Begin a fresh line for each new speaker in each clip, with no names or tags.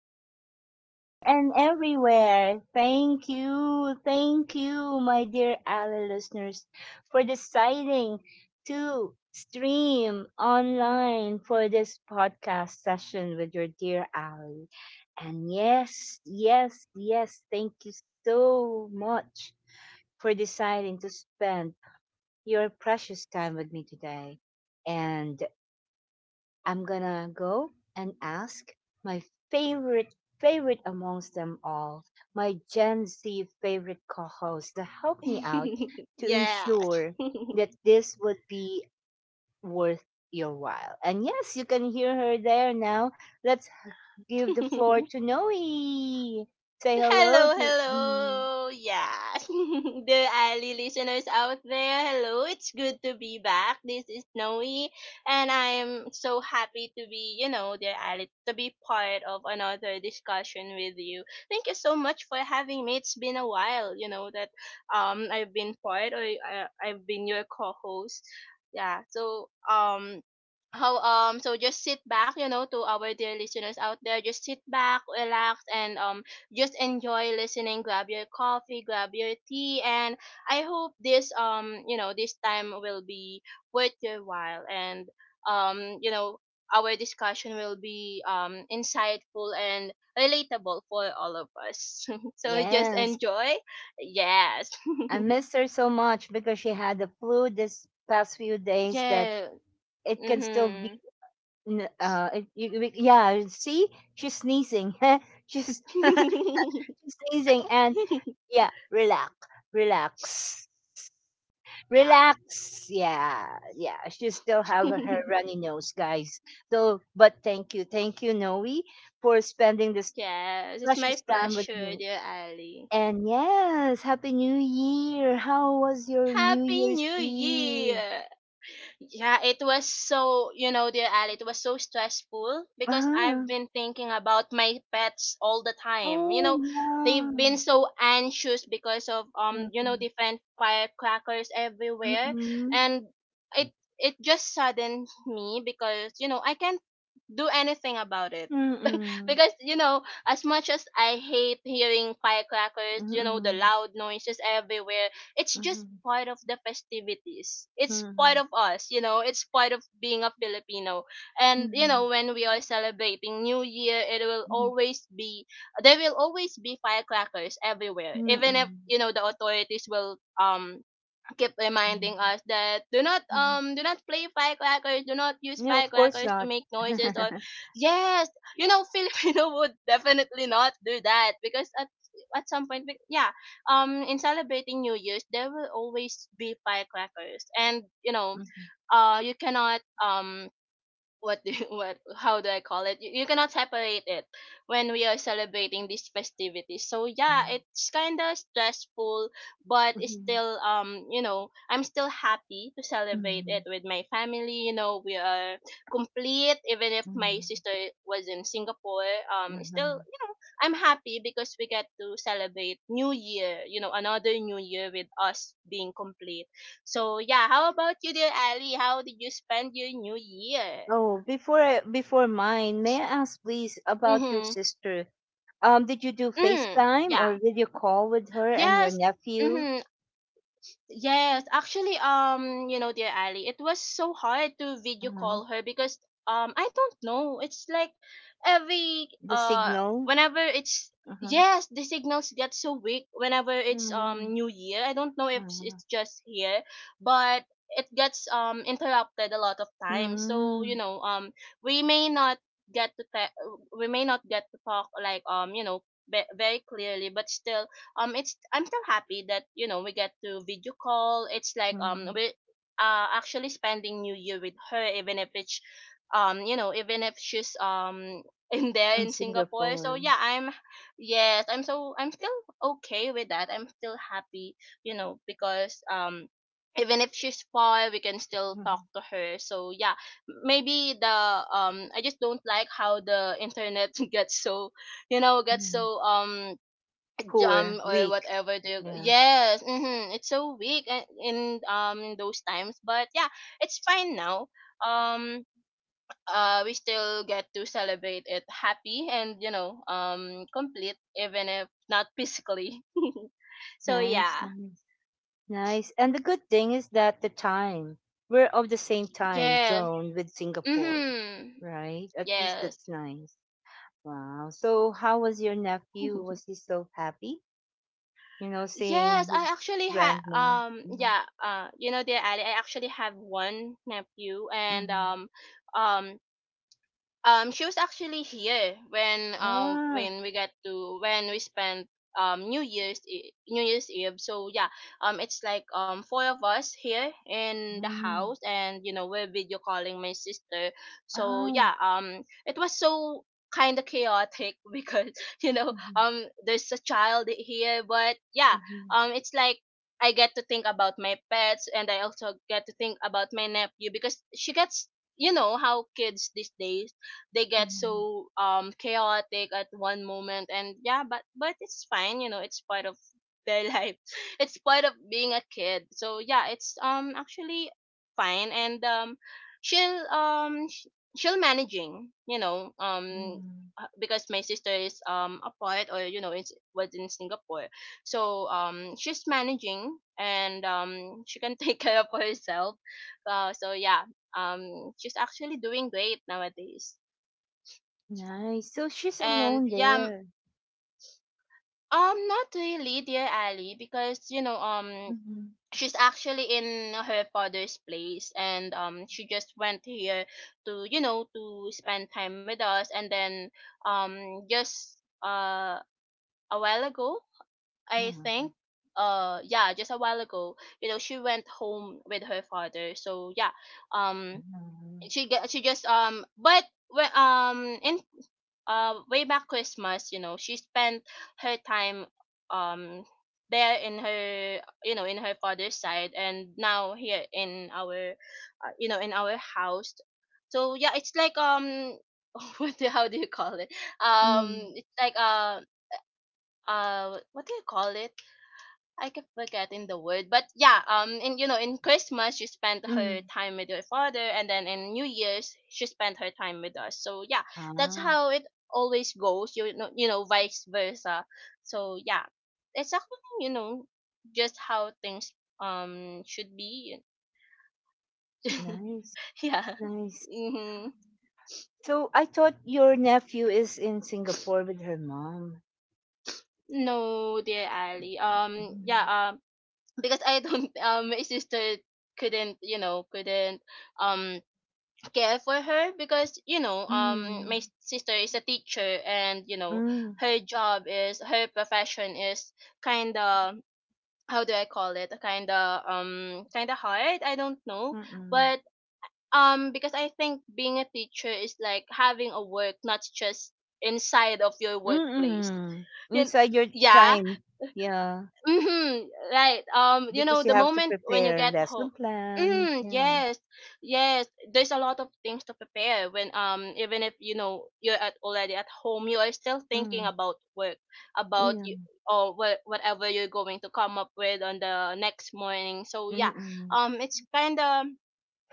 you're there and everywhere. Thank you, my dear Ally listeners, for deciding to stream online for this podcast session with your dear Ally. And yes, yes, yes, thank you so much for deciding to spend your precious time with me today. And I'm gonna go and ask my favorite favorite amongst them all, my Gen Z favorite co-host to help me out to
Yeah.
ensure that this would be worth your while. And yes, you can hear her there now. Let's give the floor to Noe. Say hello
Hello,
to
hello. Yeah. The Ali listeners out there, hello. It's good to be back. This is Noe, and I'm so happy to be, dear Ali, to be part of another discussion with you. Thank you so much for having me. It's been a while, that I've been part or I've been your co-host. Yeah. So how so just sit back, to our dear listeners out there, just sit back, relax, and just enjoy listening. Grab your coffee, grab your tea, and I hope this, this time will be worth your while. And, um you know our discussion will be insightful and relatable for all of us. So just
yes.
enjoy. Yes.
I missed her so much because she had the flu this past few days that
Yeah.
it can still
Mhm.
Yeah, see, she's sneezing. she's, she's sneezing, and yeah, relax, relax,
Yeah.
relax. Yeah, yeah. She still have her runny nose, guys. So, but thank you, Noe, for spending this
Yes, it's my
precious time with
pleasure,
me.
dear Ali.
And yes, happy New Year! How was your New
Happy
Year's
New
Eve?
Year! Yeah, it was so, dear Ali, it was so stressful because I've
Uh-huh.
been thinking about my pets all the time. You
Oh
know, they've been
yeah.
so anxious because of, different firecrackers everywhere.
Mm-mm.
And it, it just saddens me because, you know, I can't do anything about it.
Mm, mm,
Because you know, as much as I hate hearing firecrackers, you know, the
mhm,
loud noises everywhere, it's just
mhm,
part of the festivities. It's part
mhm,
of us, you know, it's part of being a Filipino. And you know,
mhm,
when we are celebrating New Year, it will
mm,
always be, there will always be firecrackers everywhere. Even if,
mhm,
you know, the authorities will keep reminding us that
mhm.
do not play firecrackers, do not use
No, of course
firecrackers to
not.
make noises or, yes, you know, Filipino would definitely not do that because at some point in celebrating New Year's there will always be firecrackers, and you know,
Mhm,
you cannot what do you, what, how do I call it? You cannot separate it when we are celebrating these festivities. So yeah,
mhm,
it's kind of stressful, but it's
mhm,
still, you know, I'm still happy to celebrate it
mhm,
with my family. You know, we are complete even if my sister
mhm.
was in Singapore. Still,
Mhm.
you know, I'm happy because we get to celebrate New Year. You know, another New Year with us being complete. So yeah, how about you, dear Ali? How did you spend your New Year?
Oh, before before mine, may I ask please about your
Mm-hmm.
sister? Did you do
Mm.
FaceTime
Yeah.
or video call with her and your
Yes.
nephew?
Mm-hmm. Yes, actually, you know, dear Ali, it was so hard to video
Mhm.
call her because I don't know. It's like every
The signal?
whenever it's,
Mhm,
yes, the signals get so weak whenever it's
mhm,
New Year. I don't know if
mhm,
it's just here, but it gets interrupted a lot of times. So you
mhm,
know, we may not get to te- we may not get to talk like, you know, very clearly, but still it's, I'm still happy that, you know, we get to video call. It's like,
mhm.
we actually spending new year with her, even if it's, you know, even if she's, in there
In
in Singapore. So yeah,
Singapore.
I'm yes, I'm still okay with that. I'm still happy, you know, because even if she's far, we can still
Mm-hmm.
talk to her. So yeah, maybe the I just don't like how the internet gets so, you know, gets
Mm.
so
Poor,
jam or
weak.
whatever. The,
Yeah.
yes, mm-hmm, it's so weak in those times, but yeah, it's fine now. um we still get to celebrate it happy and, you know, complete even if not physically. So
Nice,
yeah.
nice, nice. And the good thing is that the time, we're of the same time
Yes.
zone with Singapore,
Mm-hmm.
right? At least that's
Yes.
nice. Wow. So how was your nephew? Was he so happy? You know, seeing
Yes, I
his
actually have
grandma. Mm-hmm.
yeah, you know, dear Ali, I actually have one nephew and
Mm-hmm.
um she was actually here
Ah.
when we got to when we spent New Year's Eve. So yeah, it's like four of us here in the
Mm.
house, and you know, we're video calling my sister. So
Ah.
yeah, it was so kind of chaotic because you know,
Mm-hmm.
there's a child here, but yeah,
Mm-hmm.
it's like. I get to think about my pets, and I also get to think about my nephew, because she gets, you know, how kids these days, they get
Mm-hmm.
so chaotic at one moment and yeah, but it's fine, you know, it's part of their life. It's part of being a kid. So yeah, it's actually fine and she'll um sh- she'll managing, you know,
Mm-hmm.
because my sister is, apart, or you know, it's was in Singapore, so she's managing, and she can take care of herself. So yeah, she's actually doing great nowadays.
Nice. So she's
And
alone
yeah,
there.
not really, dear Ali, because you know,
Mm-hmm.
she's actually in her father's place, and she just went here to, you know, to spend time with us, and then just uh a while ago, I think,
Mm-hmm.
yeah, just a while ago, you know, she went home with her father. So yeah, um
Mm-hmm.
she just but when in way back Christmas, you know, she spent her time um there in her, you know, in her father's side, and now here in our, you know, in our house. So yeah, it's like what the, how do you call it?
Mm-hmm.
It's like what do you call it? I keep forgetting the word, but yeah, in you know, in Christmas she spent her
Mhm.
time with her father, and then in New Year's she spent her time with us. So yeah, that's
Ah,
how it always goes. You know, vice versa. So yeah, it's actually, you know, just how things should be.
nice,
Yeah.
nice.
Mm-hmm.
So I thought your nephew is in Singapore with her mom.
No, dear Ali. Yeah.
Mm.
Because I don't. My sister couldn't. You know, couldn't. Um care for her because you know,
Mm.
my sister is a teacher, and you know,
Mm,
her profession is kind of, how do I call it, kind of hard, I don't know,
mm-mm.
but because I think being a teacher is like having a work, not just inside of your workplace.
Mm-mm.
you kn-
Inside your
yeah.
time. Yeah.
Mm-hmm. Right. You know,
Because you
the
have to
moment when you
prepare
get
lesson
home.
plan.
Mm,
Yeah.
yes. Yes. There's a lot of things to prepare when even if, you know, you're at already at home, you are still thinking
Mm.
about work, about
Yeah.
you, or what, whatever you're going to come up with on the next morning. So yeah,
Mm-mm.
it's kinda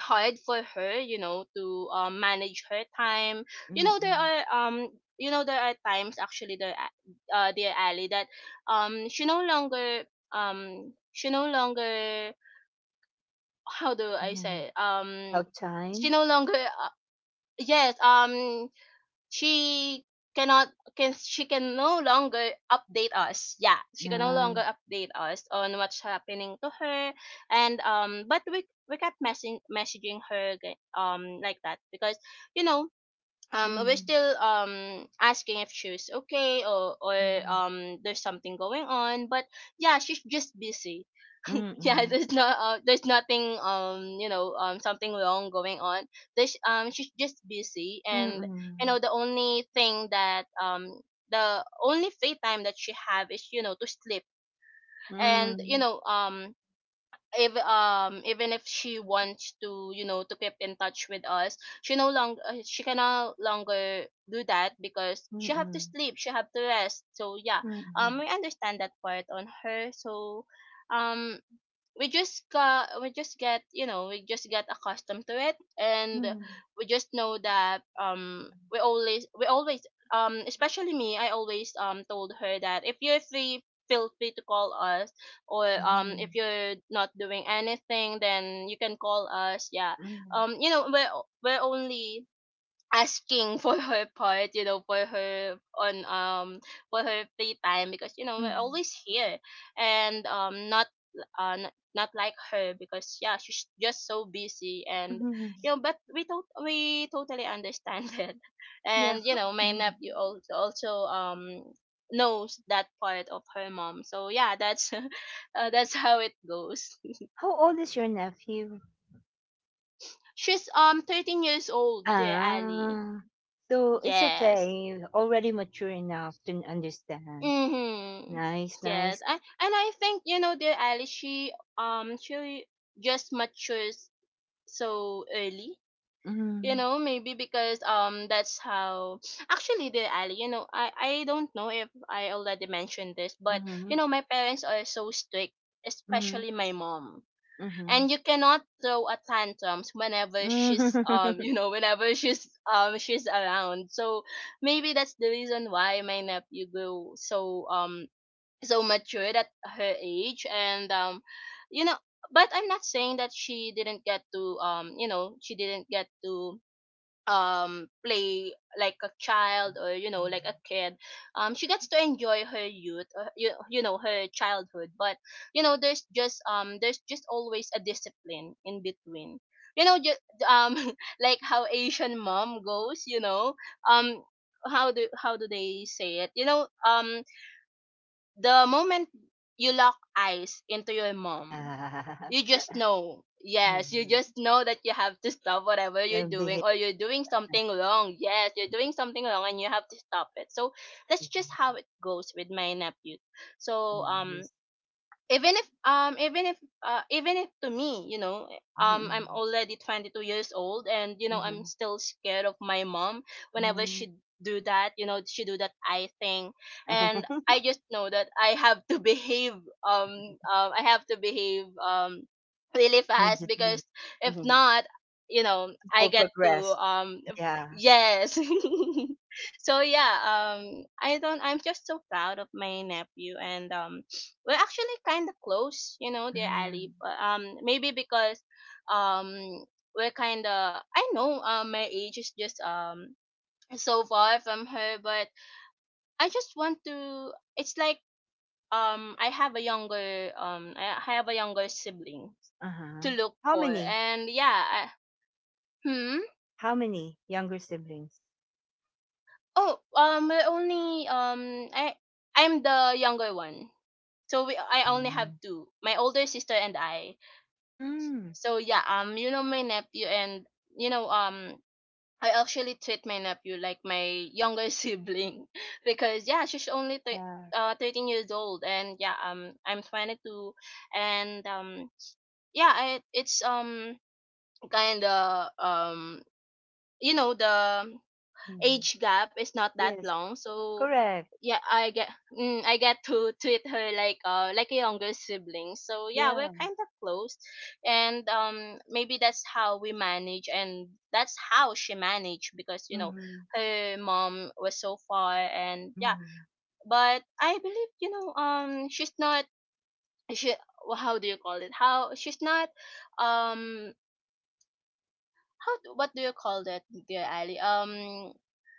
hard for her, you know, to manage her time. You know, there
Mm-mm.
are you know, there are times actually there, dear Ali, that um she no longer she no longer, how do I
mm
say,
How
she
time?
no longer, yes, she cannot can she can no longer update us. Yeah, she can no
Uh,
longer update us on what's happening to her, and but we kept messaging her like that, because you know, we're
mm.
still asking if she's okay, or
Mm.
there's something going on, but yeah, she's just busy. Yeah,
Mm-mm.
there's nothing you know, something wrong going on. There's she's just busy, and you
Mm-mm.
know, the only free time that she have is, you know, to sleep. And you
Mm.
know, if even if she wants to, you know, to keep in touch with us, she can no longer do that because she have to
Mm-mm.
sleep, she have to rest. So yeah,
Mm-mm.
we understand that part on her. So um we just get, you know, we just get accustomed to it, and
Mm-mm.
we just know that we always, especially me, I always told her that if you're free, feel free to call us, or
Mhm,
if you're not doing anything, then you can call us. Yeah,
mhm,
you know, we're only asking for her part, you know, for her on, for her free time, because you know, we're
mhm,
always here, and not, not, not like her, because yeah, she's just so busy, and
mhm.
you know, but we totally understand it.
Yeah.
And you know, my
Mhm.
nephew also, knows that part of her mom. So yeah, that's that's how it goes.
How old is your nephew?
She's 13 years old, dear Ali.
Ah, so it's
Yes.
okay. Already mature enough to understand.
Mm-hmm.
Nice,
Yes,
nice.
I, and I think, you know, dear Alice, she just matures so early. You
Mm-hmm,
know, maybe because that's how, actually, dear Ali, you know, I don't know if I already mentioned this, but
mm-hmm,
you know, my parents are so strict,
mm-hmm,
especially my mom.
mm-hmm.
And you cannot throw a tantrums whenever whenever she's around. So maybe that's the reason why my nephew grew so matured at her age and you know But I'm not saying that she didn't get to she didn't get to play like a child, or you know, like a kid. She gets to enjoy her youth, you, you know, her childhood. But you know, there's just always a discipline in between. You know, just um like how asian mom goes, you know. um how do how do they say it, you know? The moment you lock eyes into your mom,
Ah,
you just know. Yes, you
mhm.
just know that you have to stop whatever you're doing,
Behave.
or you're doing something wrong. Yes, you're doing something wrong and you have to stop it. So that's just how it goes with my nephew. So
Mhm,
um
yes.
even if um even if even if to me, you know, I'm
Mhm,
already 22 years old, and you know, I'm
mhm,
still scared of my mom whenever
mhm.
she do that. You know, she do that I thing, and I just know that I have to behave. I have to behave really fast
Immediately.
because if
Mhm.
not, you know, I
People
get to
progress.
um
Yeah.
yes. So yeah, I don't I'm just so proud of my nephew. And We're actually kind of close, you know, dear
Ah,
Ali. But maybe because um we're kind of, I know, my age is just so far from her, but I just want to. It's like I have a younger I have a younger sibling to
uh-huh.
look
How
for,
many?
and yeah. I, hmm.
How many younger siblings?
Oh, we're only, I, I'm the younger one. So we, I only have
Mm.
two, my older sister and I.
Mm.
So yeah, you know, my nephew, and you know I actually treat my nephew like my younger sibling because yeah, she's
Yeah.
13 years old, and yeah, I'm 22, and yeah, I, it's kind of, you know the
Mhm.
age gap is not that
Yes.
long, so
Correct.
yeah, I get I get to treat her like a younger sibling. So yeah,
Yeah.
we're kind of close, and maybe that's how we manage and that's how she managed because you know
Mhm.
her mom was so far. And yeah,
Mhm.
but I believe, you know, she's not, she, how do you call it, how, she's not, um how, what do you call that, dear Ali?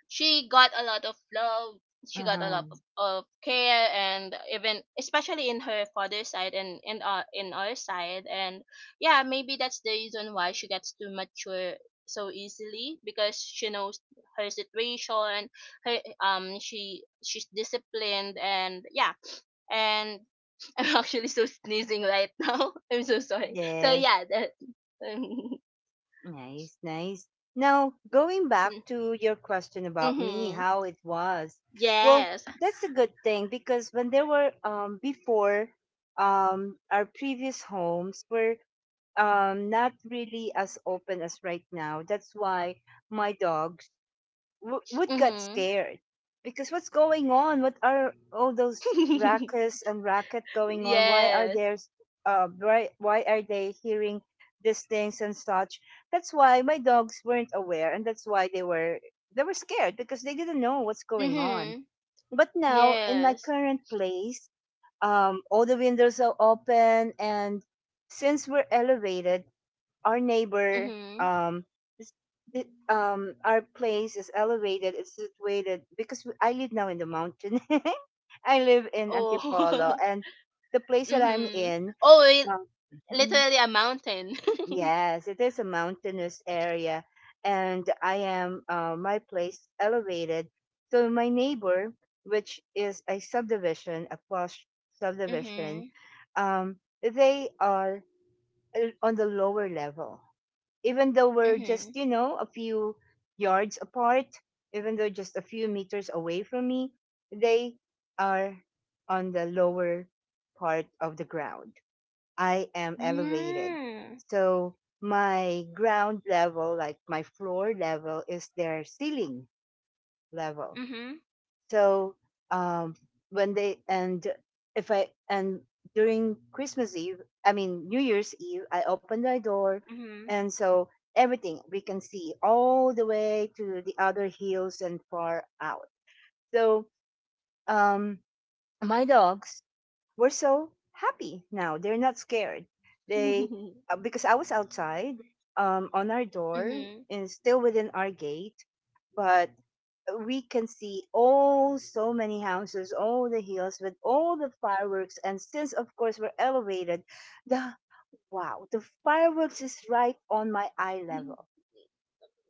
She got a lot of love, she got a
Uh-huh.
lot of care, and even, especially in her father's side and in our, in our side. And yeah, maybe that's the reason why she gets to mature so easily, because she knows her situation, her, she, she's disciplined. And yeah, and I'm actually so sneezing right now. I'm so sorry. So
Yes.
yeah, that
Nice, nice. Now, going back to your question about me,
mm-hmm.
how it was. Well,
Yes.
that's a good thing because when there were before, our previous homes were not really as open as right now. That's why my dogs would get
Mm-hmm.
scared, because what's going on, what are all those rackets and racket going on, why are
Yes.
there why are they hearing these things and such. That's why my dogs weren't aware, and that's why they were scared because they didn't know what's going on.
Mhm.
But now in my
Yes.
current place, all the windows are open. And since we're elevated, our neighbor,
Mhm.
um this, our place is elevated. It's situated because I live now in the mountain. I live in Antipolo,
Oh.
and the place that I'm
Mhm.
in,
Oh, it,
um, mhm,
literally a mountain.
yes, it is a mountainous area. And I am my place elevated. So my neighbor, which is a subdivision, a posh subdivision,
Mhm.
um they are on the lower level. Even though we're just,
Mhm.
you know, a few yards apart, even though just a few meters away from me, they are on the lower part of the ground. I am elevated.
Mm.
So my ground level, like my floor level, is their ceiling level.
Mhm.
So um, when they and if I and during Christmas Eve, I mean New Year's Eve, I opened my door,
Mhm.
and so everything we can see all the way to the other hills and far out. So um, my dogs were so happy now. They're not scared. They Because I was outside, on our door
Mhm.
and still within our gate, but we can see all so many houses, all the hills with all the fireworks. And since of course we're elevated, the wow, the fireworks is right on my eye level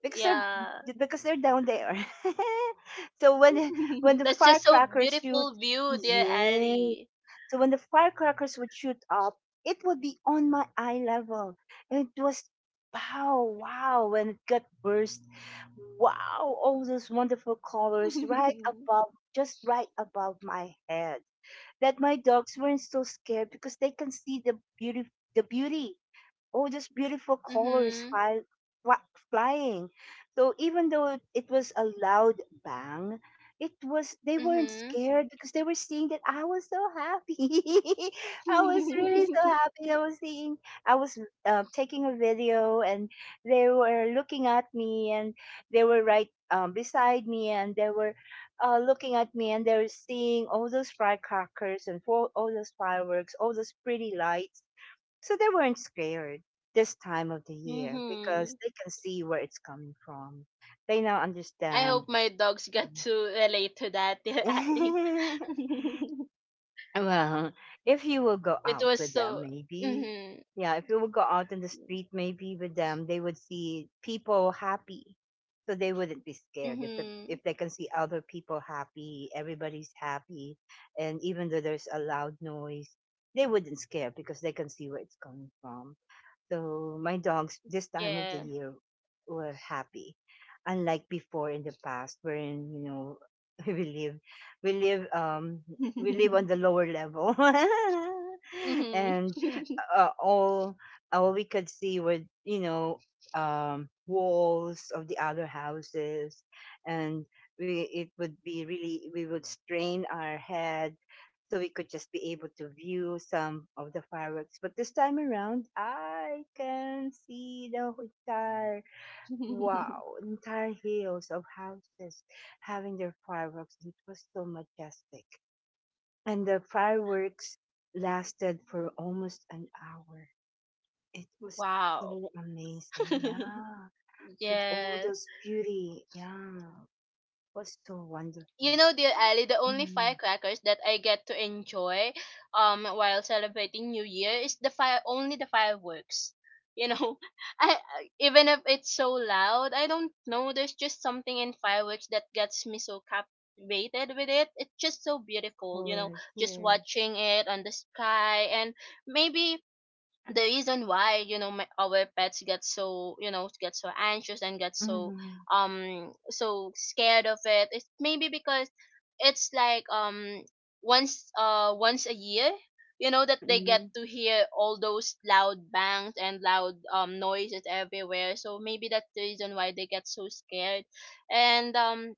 because
Yeah.
they're down there. So when the
That's just so
firecrackers shoot,
beautiful view, dear
yeah,
Ali.
so when the firecrackers would shoot up, it would be on my eye level. And it was wow, wow, when it got burst. Wow, all those wonderful colors right above, just right above my head, that my dogs weren't so scared because they can see the beauty, the beauty oh, these beautiful colors
Mhm.
fly, wa- flying. So even though it was a loud bang, it was they weren't
Mhm.
scared because they were seeing that I was so happy. I was really so happy. I was seeing, I was taking a video, and they were looking at me, and they were right beside me, and they were looking at me, and they were seeing all those firecrackers and all those fireworks, all those pretty lights, so they weren't scared this time of the year because
Mhm.
they can see where it's coming from. They now
I
understand.
hope my dogs got to relate to that, dear Ali.
Well, if you will go
It
out
was
with them,
so
maybe.
mhm,
Yeah, if you will go out in the street, maybe with them, they would see people happy. So they wouldn't be scared if
mhm,
they can see other people happy, everybody's happy, and even though there's a loud noise, they wouldn't scare because they can see where it's coming from. So my dogs this time of the
yeah,
year were happy, unlike before in the past, wherein we live, we live, um, we live on the lower level,
mhm,
and uh, all all we could see were, walls of the other houses, and we it would be really we would strain our head so we could just be able to view some of the fireworks. But this time around, I can see entire hills of houses having their fireworks. It was so majestic, and the fireworks lasted for almost an hour. It was
wow,
so amazing, yeah. With all
yes.
those beauty, yeah, it was so
You
wonderful.
know, dear Ali, the only
Mm, of
firecrackers that I get to enjoy while celebrating New Year is the fire, only the fireworks. You know, I- even if it's so loud, I don't know, there's just something in fireworks that gets me so captivated with it. It's just so beautiful, you know,
course,
just
yeah.
watching it on the sky. And maybe the reason why, you know, my, our pets get so, you know, get so anxious and get so
Mm-hmm.
so scared of it is maybe because it's like once once a year, you know, that they get
Mm-hmm.
to hear all those loud bangs and loud noises everywhere, so maybe that's the reason why they get so scared. And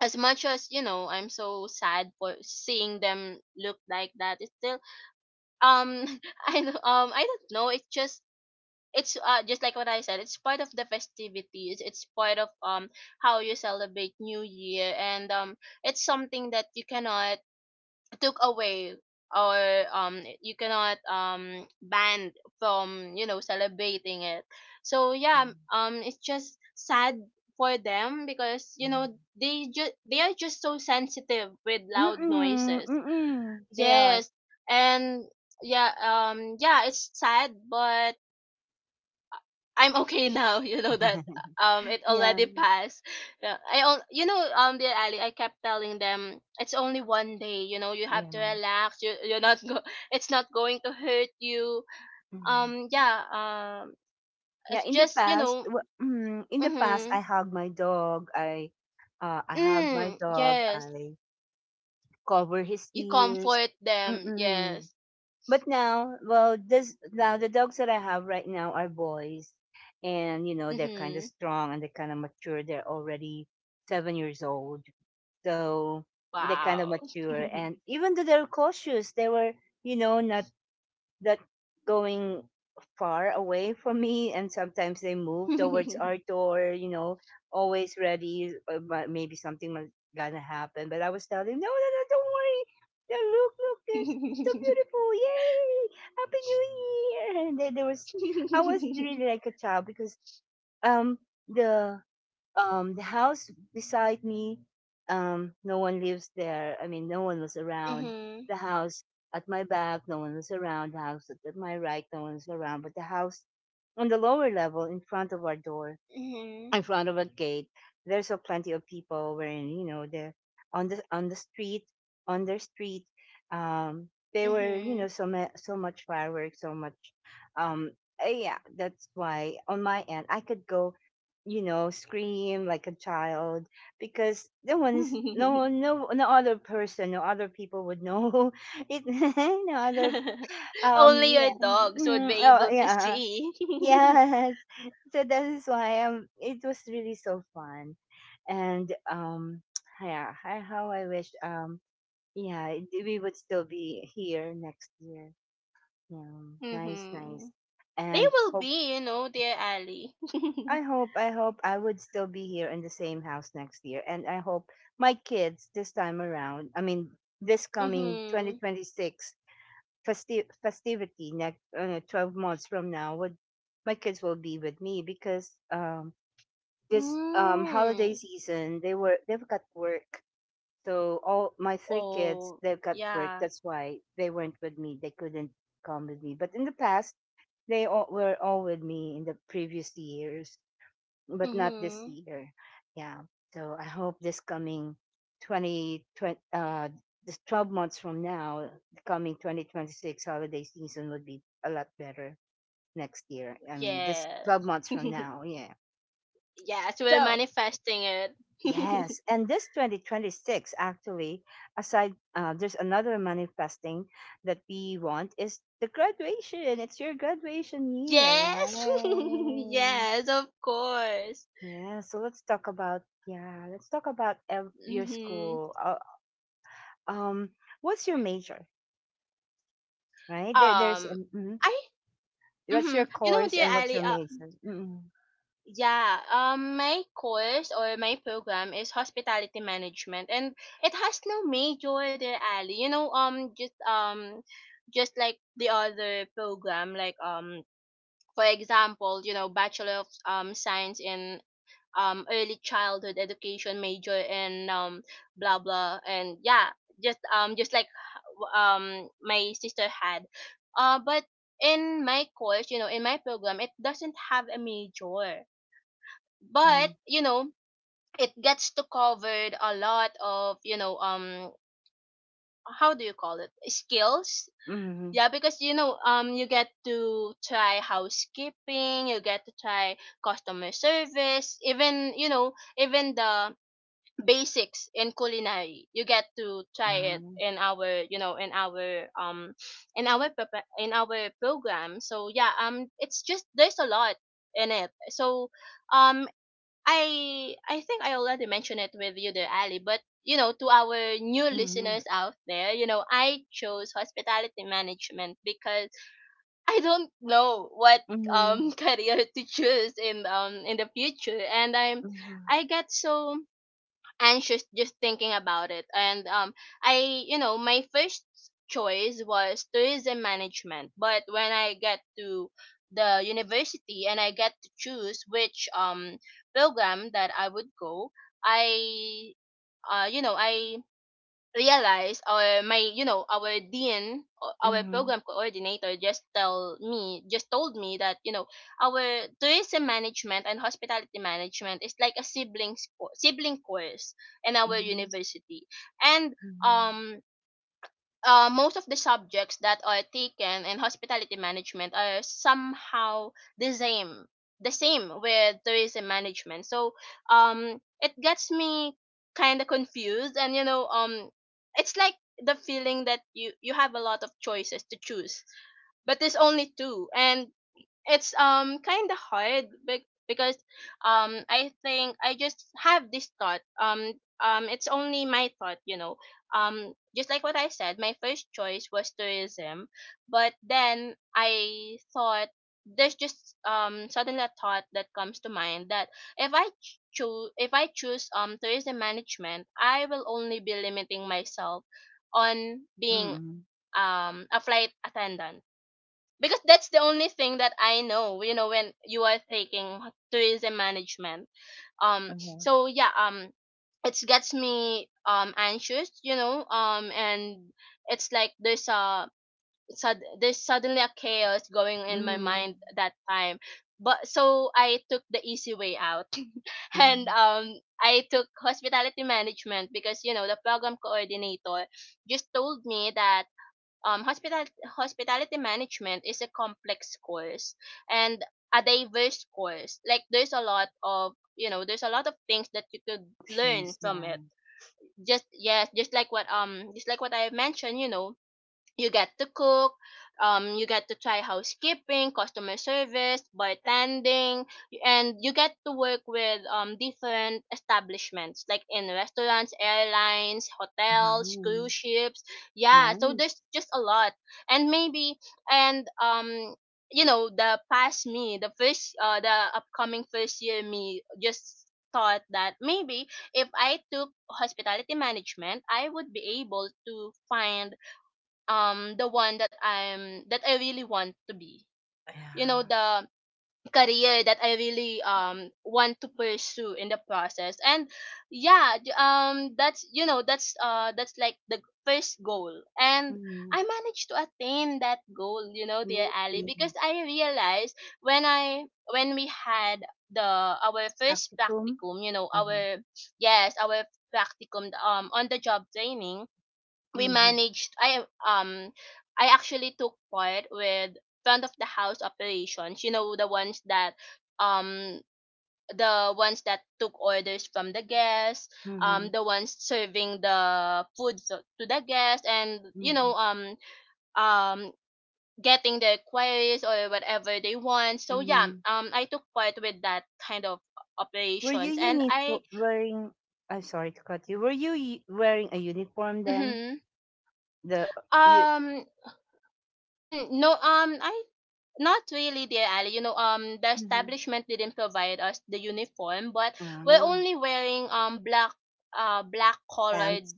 as much as, you know, I'm so sad for seeing them look like that, it's still, um I don't know, it's just, it's uh, just like what I said, it's part of the festivities. It's part of how you celebrate New Year, and it's something that you cannot took away, or you cannot ban from, you know, celebrating it. So yeah,
Okay.
it's just sad for them because you
Mm.
know they just, they are just so sensitive with loud
Mm,
noises.
mm, they are.
Yes, and yeah, yeah, it's sad, but I'm okay now. You know that it
Yeah,
already passed. Yeah, I, you know, dear Ali, I kept telling them it's only one day. You know, you have
yeah.
to relax. You, you're not go- it's not going to hurt you.
Mhm.
Yeah,
Yeah,
it's
in the
just, you
past,
know,
in the past,
mm-hmm.
I hug my dog. I hug my
Mm,
dog.
yes,
I cover his
you
ears.
comfort them,
Mm-mm.
yes.
But now, well, this now the dogs that I have right now are boys, and you know they're kind of
Mm-hmm.
strong and they're kind of mature. They're already 7 years old. So they kind of
Wow.
mature. And even though they're cautious, they were, you know, not that going far away from me. And sometimes they moved towards our door, you know, always ready. But maybe something was gonna happen. But I was telling them, no, no, no, don't worry. No, look, look, it's so beautiful. Yay! Happy New Year. And I was really like a child because, um, the house beside me, no one lives there, I mean no one was around.
Mhm,
The house at my back, no one was around. The house at my right, no one was around. But the house on the lower level, in front of our door,
mhm,
in front of a gate, there's a plenty of people wearing, you know, the street, on their street. They were, you
mhm,
know, so much fireworks, so much. Um, yeah, that's why on my end I could go, you know, scream like a child because no one's no one- no no other person, no other people would know it. no other
Only your
yeah
dogs would be
mm, oh
able to
yeah.
see.
Yes, so that is why it was really so fun, and yeah, how I wish, yeah, we would still be here next year. Yeah, nice,
Mm-hmm.
nice.
They
And
will
hope
be, you know, dear Ali.
I hope I hope I would still be here in the same house next year, and I hope my kids this time around, I mean this coming
Mm-hmm.
2026 festivity, next 12 months from now, would my kids will be with me. Because this holiday
Mm.
season they've got work. So all my three kids,
Oh,
they've got work,
yeah.
that's why they weren't with me. They couldn't come with me, but in the past they all were all with me in the previous years, but not this
Mm-hmm.
year. Yeah. So I hope this coming 2020 20, this 12 months from now, the coming 2026 holiday season would be a lot better next year. I mean this 12
Yes.
months from now. Yeah.
Yes, we're
So
manifesting it.
yes, and this 2026 actually, aside, there's another manifesting that we want is the graduation. It's your graduation year,
Yes.
right?
Yes, of course.
Let's talk about your
Mm-hmm.
school. Um, what's your major, right? There, there's
Um,
an, mhm.
I,
What's
mm-hmm.
your
You know,
course
dear
and what's
Ali,
your major? Mm-hmm,
yeah, my course or my program is hospitality management, and it has no major there, Ali. You know, just like the other program, like for example, you know, Bachelor of Science in early childhood education major in blah blah, and yeah, just like my sister had, but in my course, you know, in my program, it doesn't have a major.
mm-hmm,
But you know, it gets to covered a lot of, you know, how do you call it, skills.
mm-hmm,
Yeah, because you know, you get to try housekeeping, you get to try customer service even, you know, even the basics in culinary, you get to try it
ah,
in our, you know, in our in our in our program. So yeah, it's just there's a lot in it. So um I think I already mentioned it with you there, Ali, but you know, to our new
mm-hmm,
listeners out there, you know, I chose hospitality management because I don't know what
mm-hmm,
career to choose in the future, and I'm,
mm-hmm,
I get so anxious just thinking about it. And I, you know, my first choice was tourism management. But when I get to the university and I get to choose which program that I would go, I, you know, I realized our, my, you know, our our
mm-hmm,
program coordinator just told me that you know our tourism management and hospitality management is like a sibling sibling course in our
mm-hmm.
university. and
mm-hmm.
um most of the subjects that are taken in hospitality management are somehow the same the same with tourism management. So it gets me kind of confused. And you know, it's like the feeling that you have a lot of choices to choose, but there's only two. And it's kind of hard, because I think I just have this thought. Um, it's only my thought, you know. Just like what I said, my first choice was tourism, but then I thought there's just suddenly a thought that comes to mind that if I choose, if I choose tourism management, I will only be limiting myself on being
mm-hmm.
a flight attendant, because that's the only thing that I know, you know, when you are taking tourism management.
Uh-huh.
So yeah, it gets me anxious, you know, and it's like there's a there's suddenly a chaos going in my
Mm.
mind that time. But so I took the easy way out, and
Mhm.
I took hospitality management because you know the program coordinator just told me that um, hospital- hospitality management is a complex course and a diverse course. Like there's a lot of, you know, there's a lot of things that you could learn
Options,
from
yeah.
it. Just, yes, just like what um, just like what I mentioned, you know, you get to cook, you get to try housekeeping, customer service, bartending, and you get to work with different establishments like in restaurants, airlines, hotels,
Uh-huh.
cruise ships. Yeah, so
Nice.
there's just a lot. And maybe, and you know, the past me, the first, the upcoming first year me just thought that maybe if I took hospitality management, I would be able to find the one that I'm, that I really want to be. You know,
Yeah.
the career that I really want to pursue in the process. And yeah, d- that's you know, that's like the first goal. And I
Mhm.
managed to attain that goal, you know, dear
Yay.
Ali, because I realized when I when we had the our first
Practicum.
practicum, you know,
Uh-huh.
our, yes, our practicum, on the job training. We
Mhm.
managed um I actually took part with front of the house operations, you know, the ones that, um took orders from the guests,
Mhm.
the ones serving the food, to the guests, and,
Mhm.
um, getting their queries or whatever they want. So yeah,
Mhm.
I took part with that kind of
Were you
operations. and I,
uniform wearing? I'm sorry to cut you. Were you wearing a uniform then?
mm-hmm,
The you
um, mm, no, I not really, dear Ali. You know, the
Mhm.
establishment didn't provide us the uniform, but we're
Ah.
only wearing black, black
Pants.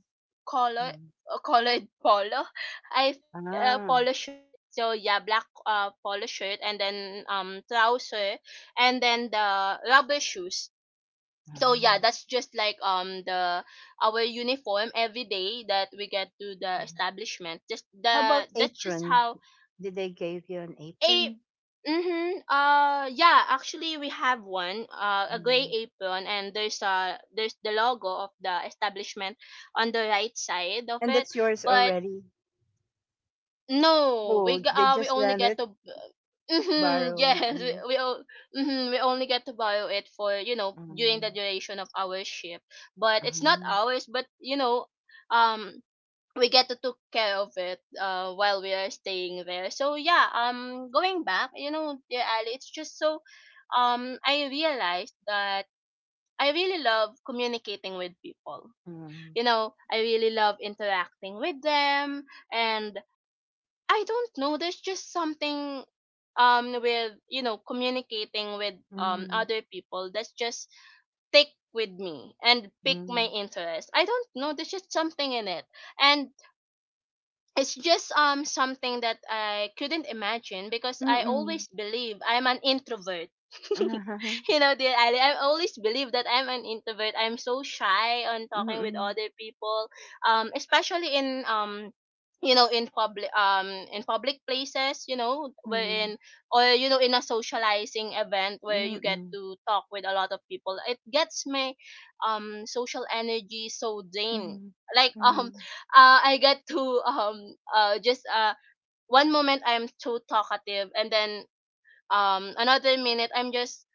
color
Um,
colored polo, I think,
Ah.
polo shirt. So yeah, black, polo shirt, and then trouser, and then the rubber shoes. So yeah,
Ah.
that's just like the our uniform every day that we get to the
Mhm.
establishment. Just
How about
the that's just
apron?
how
Did they give you an
a
apron?
mhm. Yeah, actually we have one, a gray
Mhm.
apron, and there's the logo of the establishment on the right side of
And
it.
that's yours
But
already.
no,
Oh, they
we
just
only
let
get
it
to, mhm,
borrow.
yes,
Mm,
mhm, we only get to borrow it for, you know, during
mm,
the duration of our shift. But it's not
mm,
ours, but you know, um we get to took care of it, while we are staying there. So yeah, going back, you know, dear Ali, it's just so, I realized that I really love communicating with people. You know, I really love interacting with them, and I don't know, there's just something, with communicating with
mm,
other people, that's just stick with me and pick my
mm,
interest. I don't know, there's just something in it, and it's just something that I couldn't imagine, because
mm,
I
mm,
always believe I'm an introvert.
mm,
You know, dear Ali, I always believe that I'm an introvert. I'm so shy on talking with
mm,
other people, especially in, in public, in public places, you know,
mm,
wherein, or, you know, in a socializing event, where you get to talk with a lot of people. It gets my social energy so drained,
mm,
like,
mm,
I got to, um just one moment I'm too talkative, and then, another minute I'm just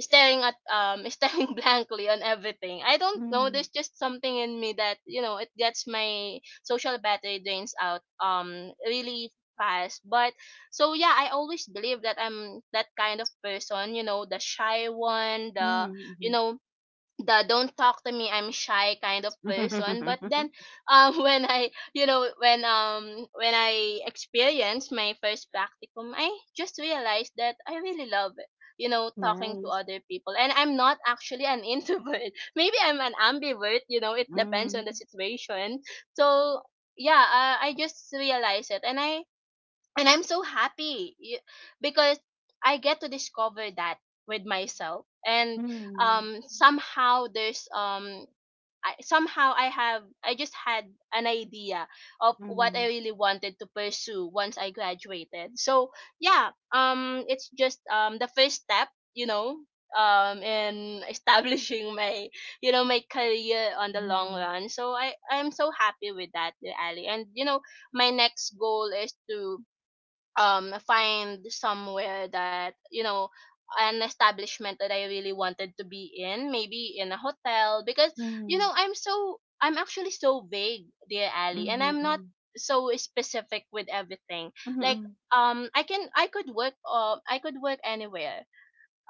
staring at staring blankly on everything. I don't know. There's just something in me that, it gets my social battery drains out really fast. But so yeah, I always believe that I'm that kind of person. You know, the shy one,
mm,
the,
mm,
you
mm.
know don't talk to me, I'm shy, kind of person. But then, when I you know when I experienced my first practicum, I just realized that I really love it, talking to
Nice.
other people, and I'm not actually an, introvert. Maybe I'm an ambivert, it depends on the
Mm,
situation. So yeah, I just realized it, and I'm so happy, because I get to discover that with myself. And
mm,
somehow there's I, somehow I have I just had an idea of what I
mm,
really wanted to pursue once I graduated. So yeah, it's just the first step, you know, in establishing my, my career on the long
mm,
run. So I'm so happy with that, Ali. And you know, my next goal is to find somewhere, that you know an establishment that I really wanted to be in, maybe in a hotel. Because you
mm,
know, I'm actually so vague, dear
mm,
Ali, and
mm,
I'm not
mm.
so specific with everything. Like, I could work anywhere,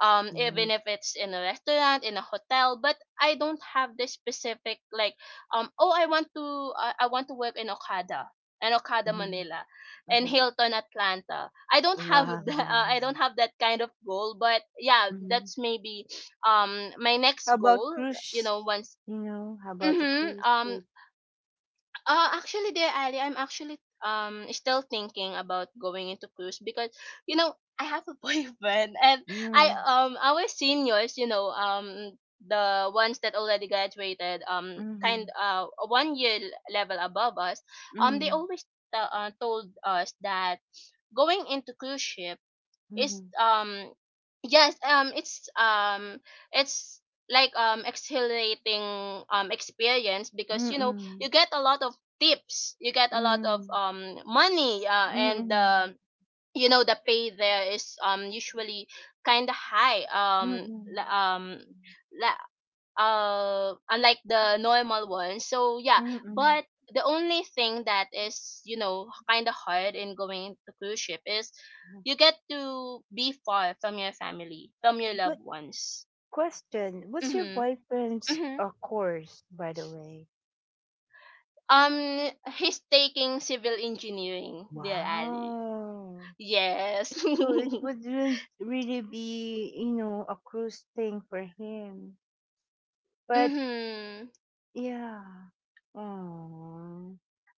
even if
Nice.
it's in a restaurant, in a hotel. But I don't have this specific, like, oh, I want to, work in Okada, and
Mm,
Okada
mm.
Manila, and
mm.
Hilton Atlanta. I don't have,
Wow.
I don't have that kind of goal. But yeah,
Mm.
that's maybe my
How
next
about
goal. You
cruise?
know once
You know, how about the
Mm-hmm.
cruise ship?
Actually, dear Ali, I'm actually still thinking about going into cruise, because you know, I have a boyfriend. And I
Mm,
our seniors, you know, the ones that already graduated,
mm-hmm,
kind 1 year level above us, they
mm-hmm,
always told us that going into cruise ship is,
mm-hmm,
yes, it's like, exhilarating, experience. Because you know,
mm-hmm,
you get a lot of tips, you get a lot of
mm
money, and
mm
you know, the pay there is usually kind of high,
mm
la- um la- unlike the normal one. So yeah,
mm-hmm.
but the only thing that is, you know, kind of hard in going to cruise ship is you get to be far from your family, from your loved
But
ones.
question, what's your
Mhm,
boyfriend's
mhm.
course, by the way?
um he's taking civil engineering, dear Ali.
Wow.
Yes.
So it wouldn't really be, you know, a cruise thing for him. But
Mhm.
Yeah. Aw.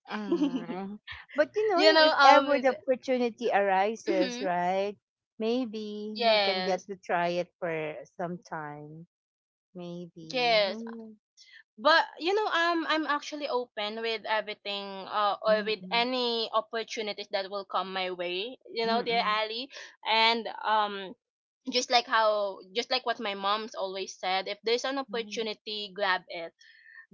Ah. But you know,
you
if
know
if
um
ever the
th-
opportunity arises,
mhm,
right? Maybe you can get
yes,
to try it for some time. Maybe.
yes.
Mm,
But you know, I'm actually open with everything, or with
mm-mm,
any opportunities that will come my way. You know, dear
mm-mm,
Ali. And, just like what my mom's always said, if there's an
mm, mm
opportunity, grab it,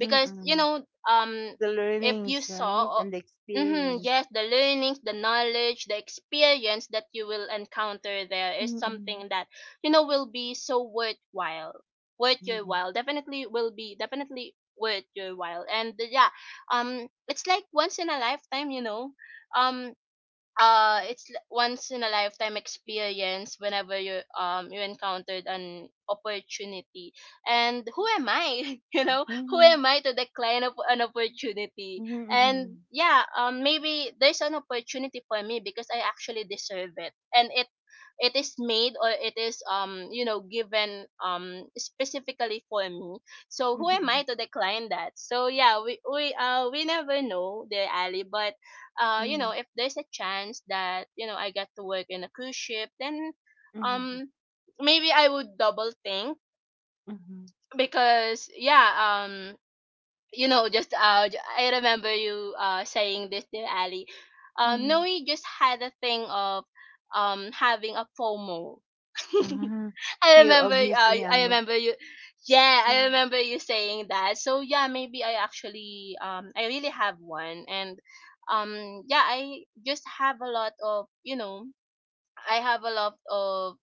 mm mm mm mm
you know, um
The
if you
learnings, right?
saw
And the
oh, mm-hmm,
experience.
yes, the learnings, the knowledge, the experience that you will encounter there is
Mm-mm,
something that, will be so worthwhile. Worth your
mm-mm,
while, definitely will be definitely worth your while, and yeah, it's like once in a lifetime, you know, um once in a lifetime experience whenever you encountered an opportunity. And who am I, you know who
mhm,
am I to decline of an opportunity.
mhm,
And
mhm,
yeah, maybe there's an opportunity for me because I actually deserve it. And it is made, or it is, given, specifically for me. So who am I
mhm,
to decline that? So yeah, we never know, dear Ali. But, you know, if there's a chance that, I get to work in a cruise ship, then,
mhm,
um maybe I would double think.
mhm,
Because yeah, I remember you, saying this, dear Ali.
mhm,
Noe just had a thing of, having a FOMO.
mhm. Fear of missing
I
out.
remember you Yeah, I
Mm-hmm.
remember you saying that. So yeah, maybe I actually I really have one. And yeah, I just have a lot of, you know, I have a lot of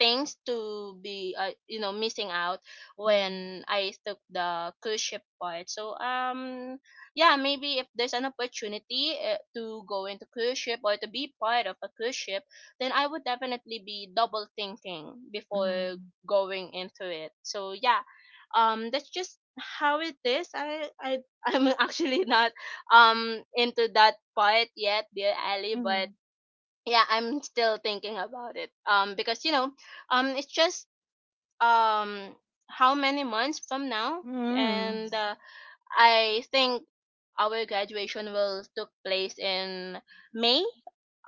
things to be, missing out
Mm,
when I took the cruise ship part. So yeah, maybe if there's an opportunity, to go into cruise ship or to be part of a cruise ship, then I would definitely be double thinking before
mm,
going into it. So yeah, that's just how it is. I I'm actually not into that part yet, dear Ali. But
mm,
yeah, I'm still thinking about it, because you know, it's just, um how many months from now.
mm.
And, I think our graduation will took place in May,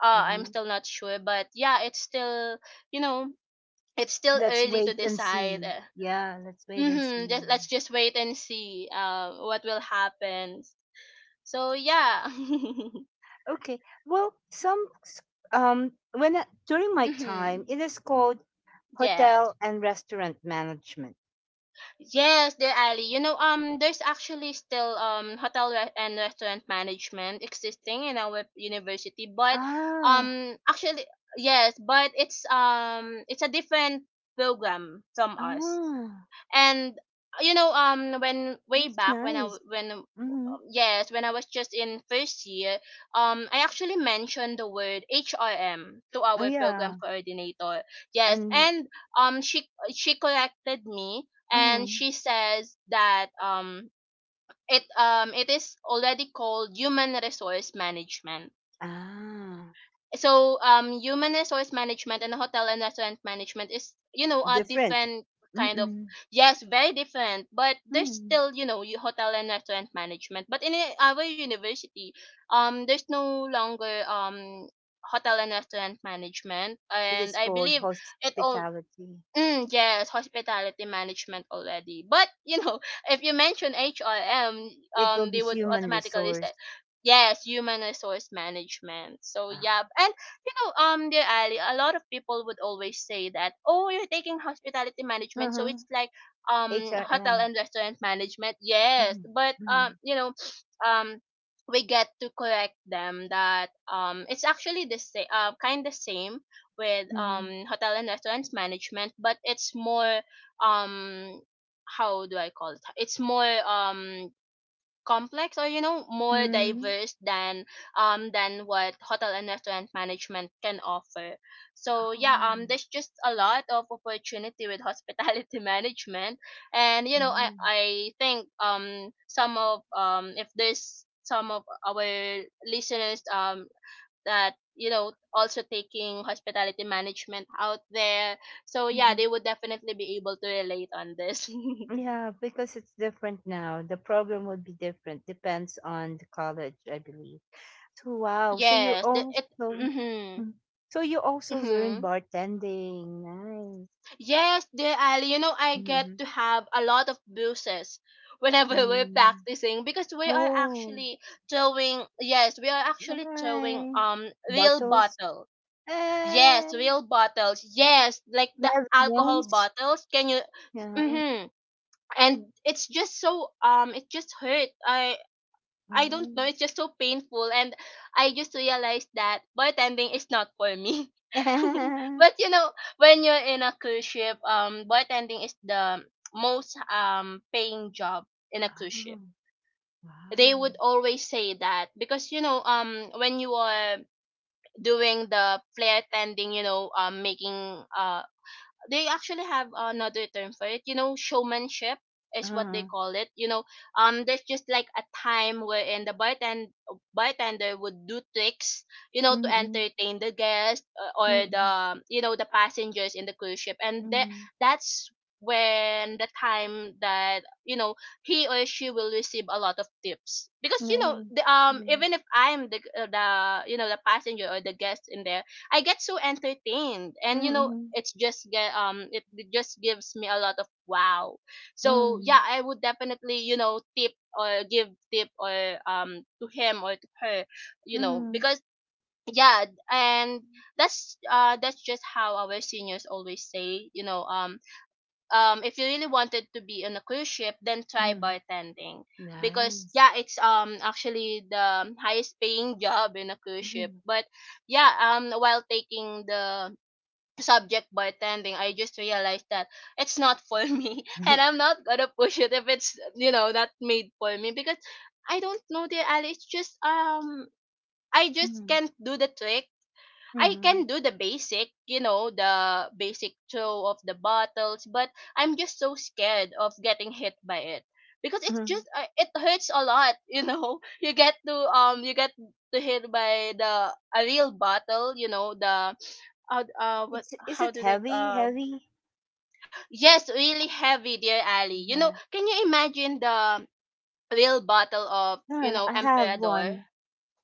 I'm
Uh-huh.
still not sure. But yeah, it's still, you know it's still
Let's
early to
wait and
decide,
see. Yeah, let's wait and
mm-hmm. just
see.
Let's just wait and see what will happen. So yeah,
Okay. Well, some s- when I- during my
mm-hmm,
time, it is called
yes.
hotel and restaurant management.
Yes, there, Ali. You know, there's actually still hotel, and restaurant management existing in our university. But,
Ah,
actually, yes, but it's a different program from us.
ah,
And you know, when way
that's
back, when I
nice.
w- when
Mm-hmm.
yes, when I was just in first year, I actually mentioned the word HRM to
Oh
our program
yeah,
coordinator. Yes.
and
And um she she corrected me, and
mm
she says that, it is already called human resource management.
ah,
So human resource management and hotel and restaurant management is, you know, a
different.
different kind of,
Mm-mm.
yes, very different. But there's
Mm.
still, you know, hotel and restaurant management. But in, our university, there's no longer hotel and restaurant management.
It
And
is
I
called
believe it all.
hospitality.
Mm, yes, hospitality management already. But you know, if you mention HRM,
It will be
they would
human
automatically
resource.
say, yes, human resource management. So
Ah.
yeah, and you know, dear Ali, a lot of people would always say that, oh, you're taking hospitality management, so
Uh-huh.
it's like hotel
HRM.
and restaurant management. Yes,
Mhm.
but,
Mhm.
um. We get to correct them that it's actually the same, kind of same, with
Mhm.
hotel and restaurants management, but it's more, um how do I call it? It's more complex or you know more
Mm.
diverse than what hotel and restaurant management can offer. So yeah,
Oh.
there's just a lot of opportunity with hospitality management, and you know I
Mhm.
I think some of if there's some of our listeners that you know also taking hospitality management out there, so yeah,
Mhm.
they would definitely be able to relate on this.
Yeah, because it's different now. The program would be different. Depends on the college, I believe. So wow. So you
yes the, it
also
mm-hmm,
Mm. so you also learned
mm-hmm.
bartending. Nice.
Yes, dear Ali, you know, I get
Mm-hmm.
to have a lot of bruises whenever we're
Mm-hmm.
practicing because we are
Oh,
actually throwing yes we are actually throwing
nice.
real
Bottles.
bottle.
Eh,
Yes, real bottles, yes, like the
heavy
alcohol
ones.
bottles. Can you
Yeah.
mm-hmm. And it's just so it just hurt. I don't
Wow.
know, it's just so painful, and I just realized that bartending is not for me. But you know, when you're in a cruise ship, bartending is the most paying job in a cruise ship.
Oh,
They
wow.
would always say that because you know when you are doing the flair tending, you know, making they actually have another term for it. You know, showmanship is what they
Uh-huh.
call it. You know, there's just like a time wherein the bartender would do tricks, you know, to
Mm-mm.
entertain the guests, or
Mm-mm.
the you know the passengers in the cruise ship, and that
Mhm.
that's when the time that you know he or she will receive a lot of tips because you know
Nice.
the
Yeah.
even if I'm the you know the passenger or the guest in there, I get so entertained. And you know,
Mm-mm.
it's just get it just gives me a lot of wow. So
Mm.
yeah, I would definitely you know tip or give tip or to him or to her, you know,
Mhm.
because yeah. And that's just how our seniors always say, you know, if you really wanted to be on a cruise ship, then try
Mhm.
bartending because
Nice.
yeah, it's actually the highest paying job in a cruise ship.
Mhm.
But yeah, while taking the subject by attending, I just realized that it's not for me, and I'm not gonna push it if it's you know not made for me because I don't know, the alley. It's just I just
Mhm.
can't do the trick. I
Mhm.
can do the basic, you know, the basic throw of the bottles, but I'm just so scared of getting hit by it because it's
Mhm.
just it hurts a lot, you know. You get to hit by the a real bottle, you know, the how what
It's Is
how
it
do they
heavy? Heavy?
Yes, really heavy, dear Ali, you know,
Yeah.
can you imagine the real bottle of you
Yeah,
know
I have
Emperador?
one.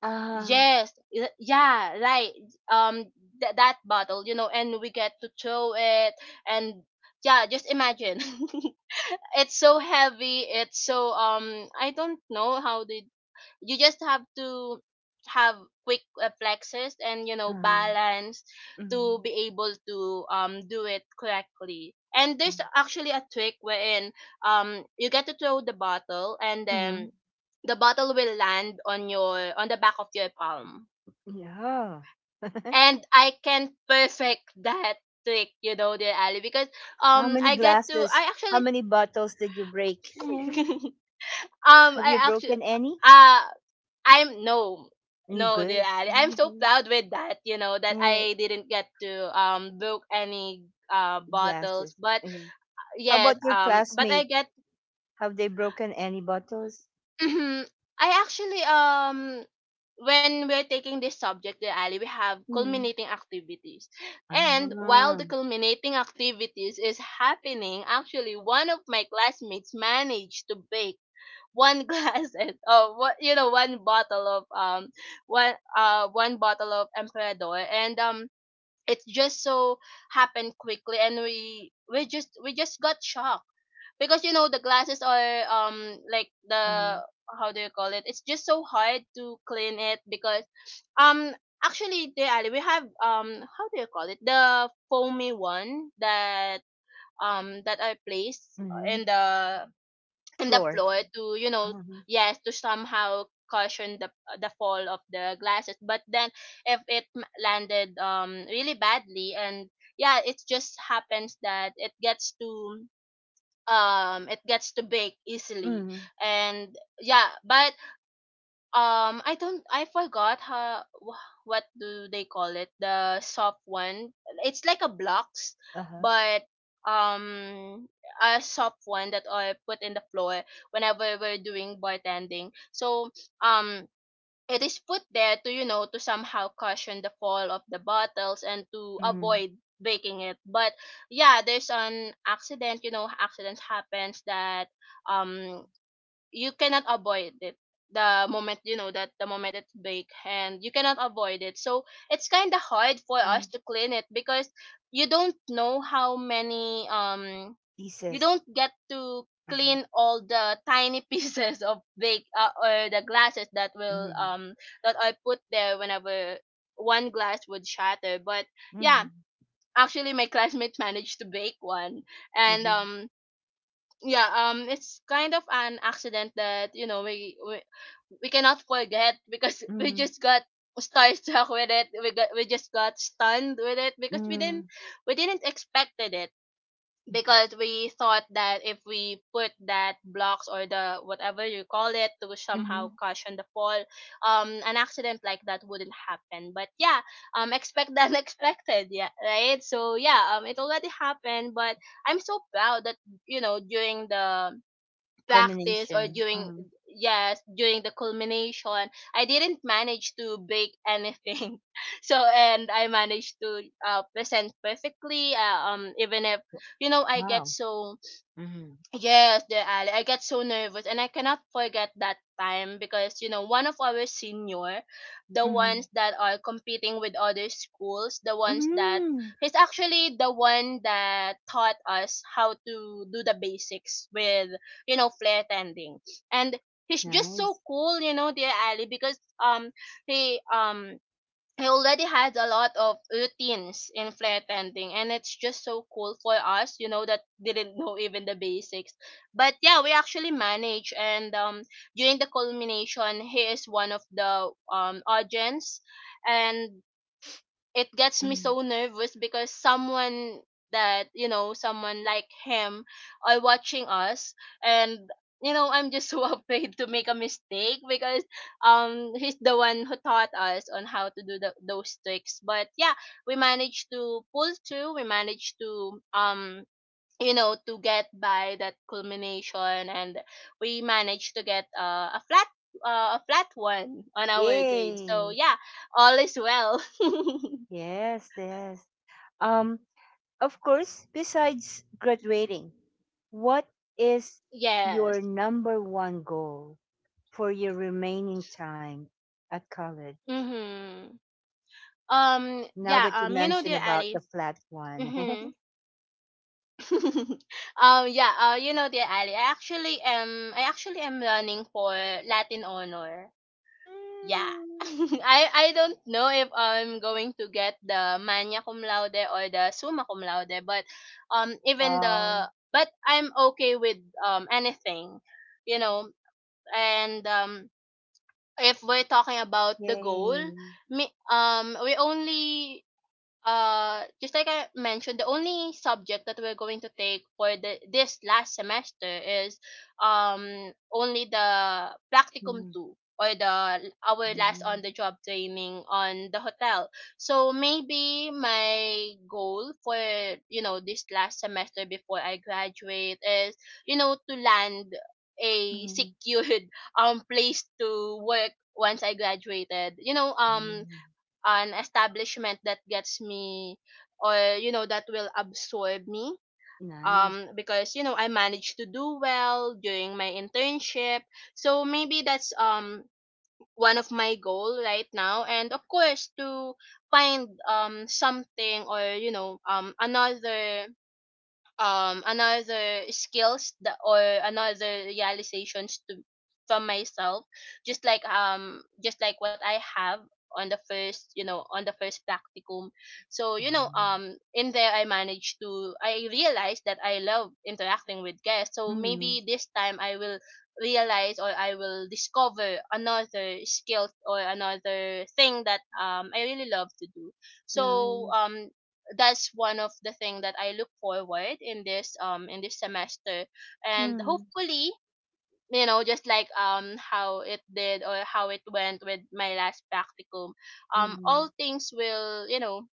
Ah.
Yeah, right. um that bottle, you know, and we get to throw it. And yeah, just imagine, it's so heavy, it's so I don't know how they you just have to have quick reflexes and you know
Mm.
balance to
Mm.
be able to do it correctly. And there's actually a trick wherein you get to throw the bottle, and
Mm.
then the bottle will land on your on the back of your palm.
Yeah.
And I can perfect that trick, you know, dear Ali, because
How many
I get to I
glasses? How
actually
many bottles did you break? Mm.
um
Have
i
you
actually
broken any?
uh, I'm no,
You
no, dear
Good.
Ali. I'm so
Mhm.
proud with that. You know that
Yeah,
I didn't get to book any bottles,
glasses.
but
Yeah. How
yes,
about your
but I
classmate?
get.
Have they broken any bottles?
Mhm. I actually when we're taking this subject, dear Ali, we have
Mm.
culminating activities, and while
Ah,
the culminating activities is happening, actually one of my classmates managed to bake one glass and oh what you know one bottle of Emperador. And it just so happened quickly, and we just got shocked because you know the glasses are like the
um,
how do you call it, it's just so hard to clean it because um actually, the ali, we have how do you call it, the foamy one that that I placed
hmm
in the in the
Floor.
floor to you know,
Mm-hmm.
yes, to somehow caution the fall of the glasses. But then if it m- landed really badly, and yeah, it just happens that it gets to break easily.
hmm
And yeah, but I don't, I forgot how what do they call it, the soft one, it's like a blocks,
Uh-huh.
but um a soft one that I put in the floor whenever we're doing bartending. So um it is put there to you know to somehow cushion the fall of the bottles and to
hmm
avoid breaking it. But yeah, there's an accident, you know, accidents happens that um you cannot avoid it the moment you know that the moment it's baked, and you cannot avoid it. So it's kind of hard for us
hmm
to clean it because you don't know how many you
Pieces.
don't get to
Uh-huh.
clean all the tiny pieces of bake or the glasses that will
hmm
that I put there whenever one glass would shatter. But yeah,
hmm
actually my classmate managed to bake one. And
hmm
yeah, it's kind of an accident that you know we cannot forget because we
hmm
just got starstruck with it, we just got stunned with it because
hmm
we didn't expected it, because we thought that if we put that blocks or the whatever you call it to
hmm
somehow caution the fall, an accident like that wouldn't happen. But yeah, expect the unexpected, yeah right. So yeah, it already happened, but I'm so proud that you know during the practice or
Combination.
during
Uh-huh.
yes, during the culmination, I didn't manage to bake anything. So and I managed to present perfectly even if you know I get
Wow.
so
hmm
yes, dear Ali. I got so nervous, and I cannot forget that time because you know one of our senior, the
hmm
ones that are competing with other schools, the ones that
hmm
he's actually the one that taught us how to do the basics with you know flare tending. And he's just so
Nice.
cool, you know, dear Ali, because he I already had a lot of routines in flare tending, and it's just so cool for us, you know, that didn't know even the basics. But yeah, we actually managed. And during the culmination, he is one of the audience, and it gets me
Hmm
so nervous because someone that you know someone like him are watching us. And you know, I'm just so afraid to make a mistake because he's the one who taught us on how to do the, those tricks. But yeah, we managed to pull through, we managed to you know to get by that culmination. And we managed to get a flat one on our
Yay.
grade. So yeah, all is well.
Yes, yes. Um, of course, besides graduating, what is
Yes.
your number one goal for your remaining time at college?
Mhm. Um.
Now
Yeah.
that you
You know,
mentioned
dear
about
Ali.
the flat one.
Mhm. um. Yeah. You know, dear Ali, I actually am, I actually am running for Latin honor. Yeah.
Mm.
I don't know if I'm going to get the magna cum laude or the summa cum laude, but even
Wow.
the but I'm okay with anything, you know. And if we're talking about the goal,
Yay.
me we only just like I mentioned, the only subject that we're going to take for the this last semester is only the practicum two or the
Mm,
our last on
mm,
the job training on the hotel. So maybe my goal for you know this last semester before I graduate is you know to land a
mm,
secured place to work once I graduated.
mm.
An establishment that gets me, or that will absorb me,
Nice.
because I managed to do well during my internship. So maybe that's, one of my goal right now, and of course to find, something, or another, another skills, that or another realizations to, from myself. Just like what I have on the first, on the first practicum. So,
Mm,
in there, I managed to I realized that I love interacting with guests. So
mm,
maybe this time I will realize, or I will discover another skill or another thing that, I really love to do. So,
Nice.
that's one of the thing that I look forward in this, in this semester. And
Mm,
hopefully, just like, how it did, or how it went with my last practicum. um
mm,
all things will you know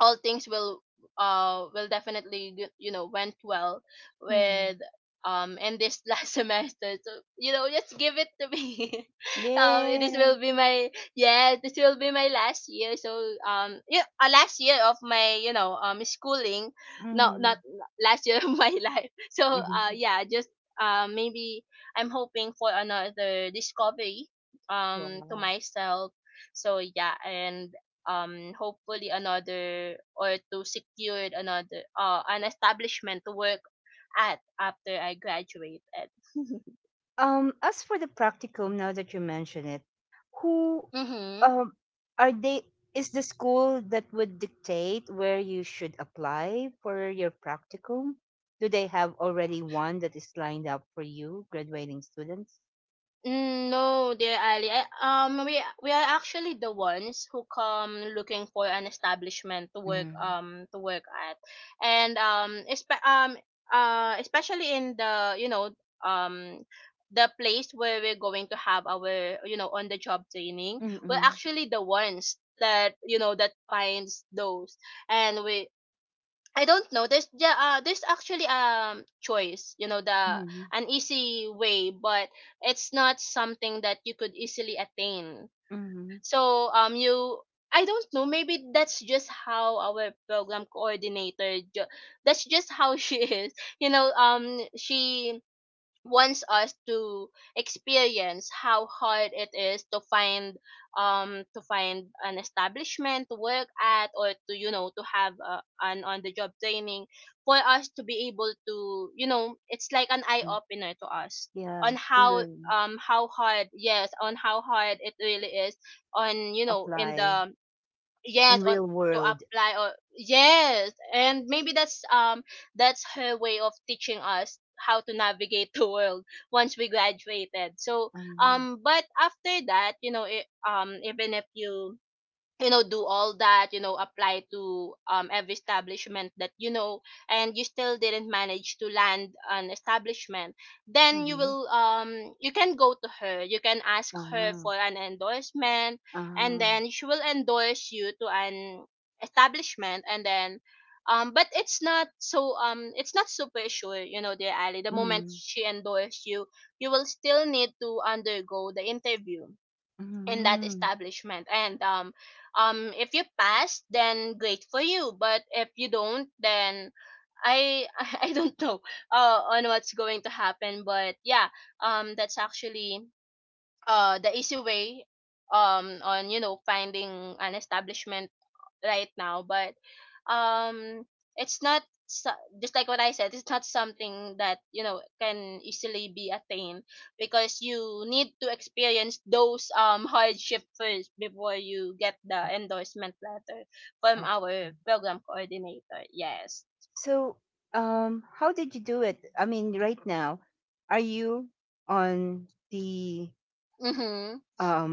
all things will definitely went well
mm.
with, in this last semester. So, just give it to me. This
Yeah.
will be my yeah, this will be my last year. So, yeah, last year of my, schooling. No, not
Mm,
last year of my life. So,
mm.
yeah, just, maybe I'm hoping for another discovery, to
Wow.
myself. So yeah, and, hopefully another, or to secure another, an establishment to work at after I graduated.
As for the practicum, now that you mention it, who
Mhm.
um are they? Is the school that would dictate where you should apply for your practicum? Do they have already one that is lined up for you, graduating students?
Mm, no, dear Ali. I, we are actually the ones who come looking for an establishment to work,
Mm.
to work at, and, especially in the, um the place where we're going to have our, on the job training. We're
Mm-mm.
actually the ones that, that finds those. And we I don't know. There's actually, choice, you know, the
Mm-mm.
an easy way, but it's not something that you could easily attain.
Mm-mm.
So, you I don't know. Maybe that's just how our program coordinator that's just how she is. You know, she wants us to experience how hard it is to find, to find an establishment to work at, or to, to have, an on the job training for us to be able to, it's like an eye
Learn,
opener to us, on
yes, to
how,
learn,
how hard, yes, on how hard it really is, on, in
apply
the, yes,
in
on
real
to
world.
apply, or yes. And maybe that's, her way of teaching us how to navigate the world once we graduated. So,
Mm-hmm.
but after that, even if you, you know do all that, apply to, every establishment, that you know and you still didn't manage to land an establishment, then,
Mm-hmm.
you can go to her, you can ask her
Uh-huh.
for an endorsement. And
Uh-huh.
then she will endorse you to an establishment. And then, but it's not super sure, you know, dear Ali. The moment she endorses you, you will still need to undergo the interview in that
Mm-hmm.
establishment. And, if you pass, then great for you. But if you don't, then I I don't know, on what's going to happen. But yeah, that's actually, the easy way, on, finding an establishment right now. But, um it's not so- just like what I said, it's not something that, can easily be attained, because you need to experience those, hardship first, before you get the endorsement letter from
I
our
see.
program coordinator. Yes.
So, how did you do it? I mean, right now, are you on the
Mm-hmm.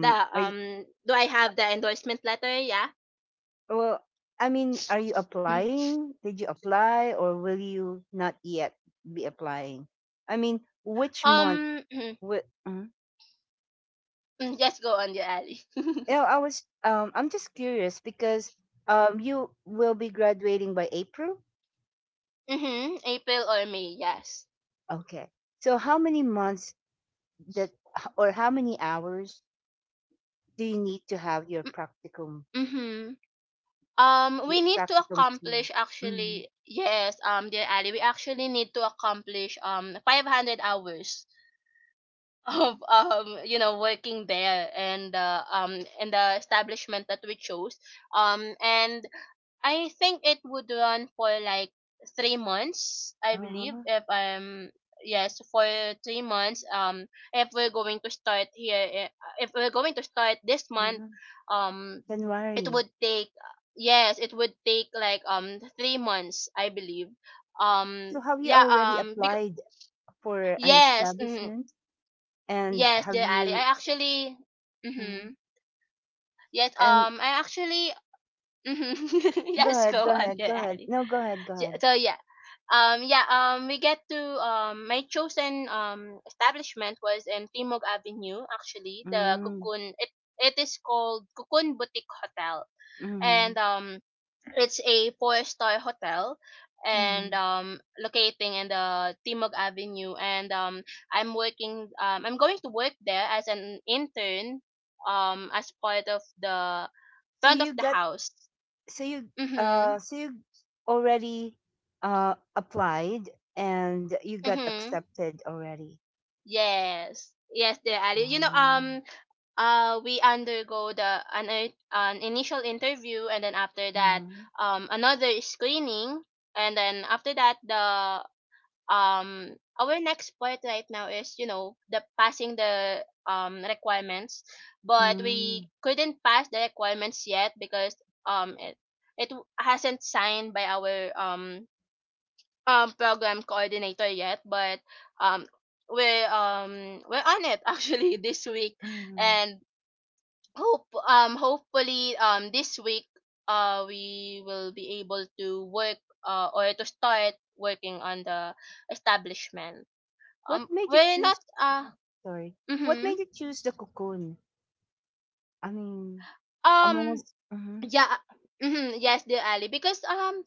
the
Are you,
Do I have the endorsement letter? Yeah.
well? I mean, are you applying? Did you apply, or will you not yet be applying? I mean, which month?
um
What? Mm
just go on the alley.
Yeah, I was. I'm just curious because you will be graduating by April.
Mm-hmm. April or May, yes.
Okay. So, how many months that, or how many hours do you need to have your practicum
Mm-hmm.
New
We need to
practicum too.
accomplish,
Mm-hmm.
actually, yes, dear Ali. We actually need to accomplish, 500 hours of working there, and, in the establishment that we chose. And I think it would run for like 3 months, I believe.
Uh-huh.
If I'm Yes, for 3 months, if we're going to start here, if we're going to start this month,
Uh-huh.
um it
January.
would take, yes, it would take like 3 months, I believe.
So have you
Yeah,
already
because,
applied for an
yes, hmm.
establishment? And
Yes,
have
dear Ali, I
you
actually...
Mm-hmm.
Mm-hmm. Yes,
and
I actually... Mhm.
go
Yes,
ahead,
go
go
on,
ahead,
dear
go ahead.
Ali.
No, go ahead, go
so
ahead.
so, yeah, yeah, we get to my chosen, establishment was in Timog Avenue. Actually, the
Mm.
Cocoon, it is called Cocoon Boutique Hotel.
Mm-hmm.
And, it's a four-star hotel, and,
Mm-hmm.
locating in the Timog Avenue. And, I'm going to work there as an intern, as part of the
So
front of
you
the
got
house.
so you
Mhm.
so you already applied and you got
Mhm.
accepted already.
Yes. Yes, the Ali. You know,
Mm-hmm.
we undergo an initial interview, and then after that, another screening, and then after that, the um our next point right now is, the passing the, requirements. But
Mm-hmm.
we couldn't pass the requirements yet, because, um it it hasn't signed by our, program coordinator yet. But, um we're on it actually this week, and hopefully, this week, we will be able to work, or to start working on the establishment.
What made you
We're
choose
not.
Mhm. sorry. What
Mm-hmm.
made you choose the cocoon? I mean,
Um,
almost. Mm-hmm,
yeah, yes, the alley, because, um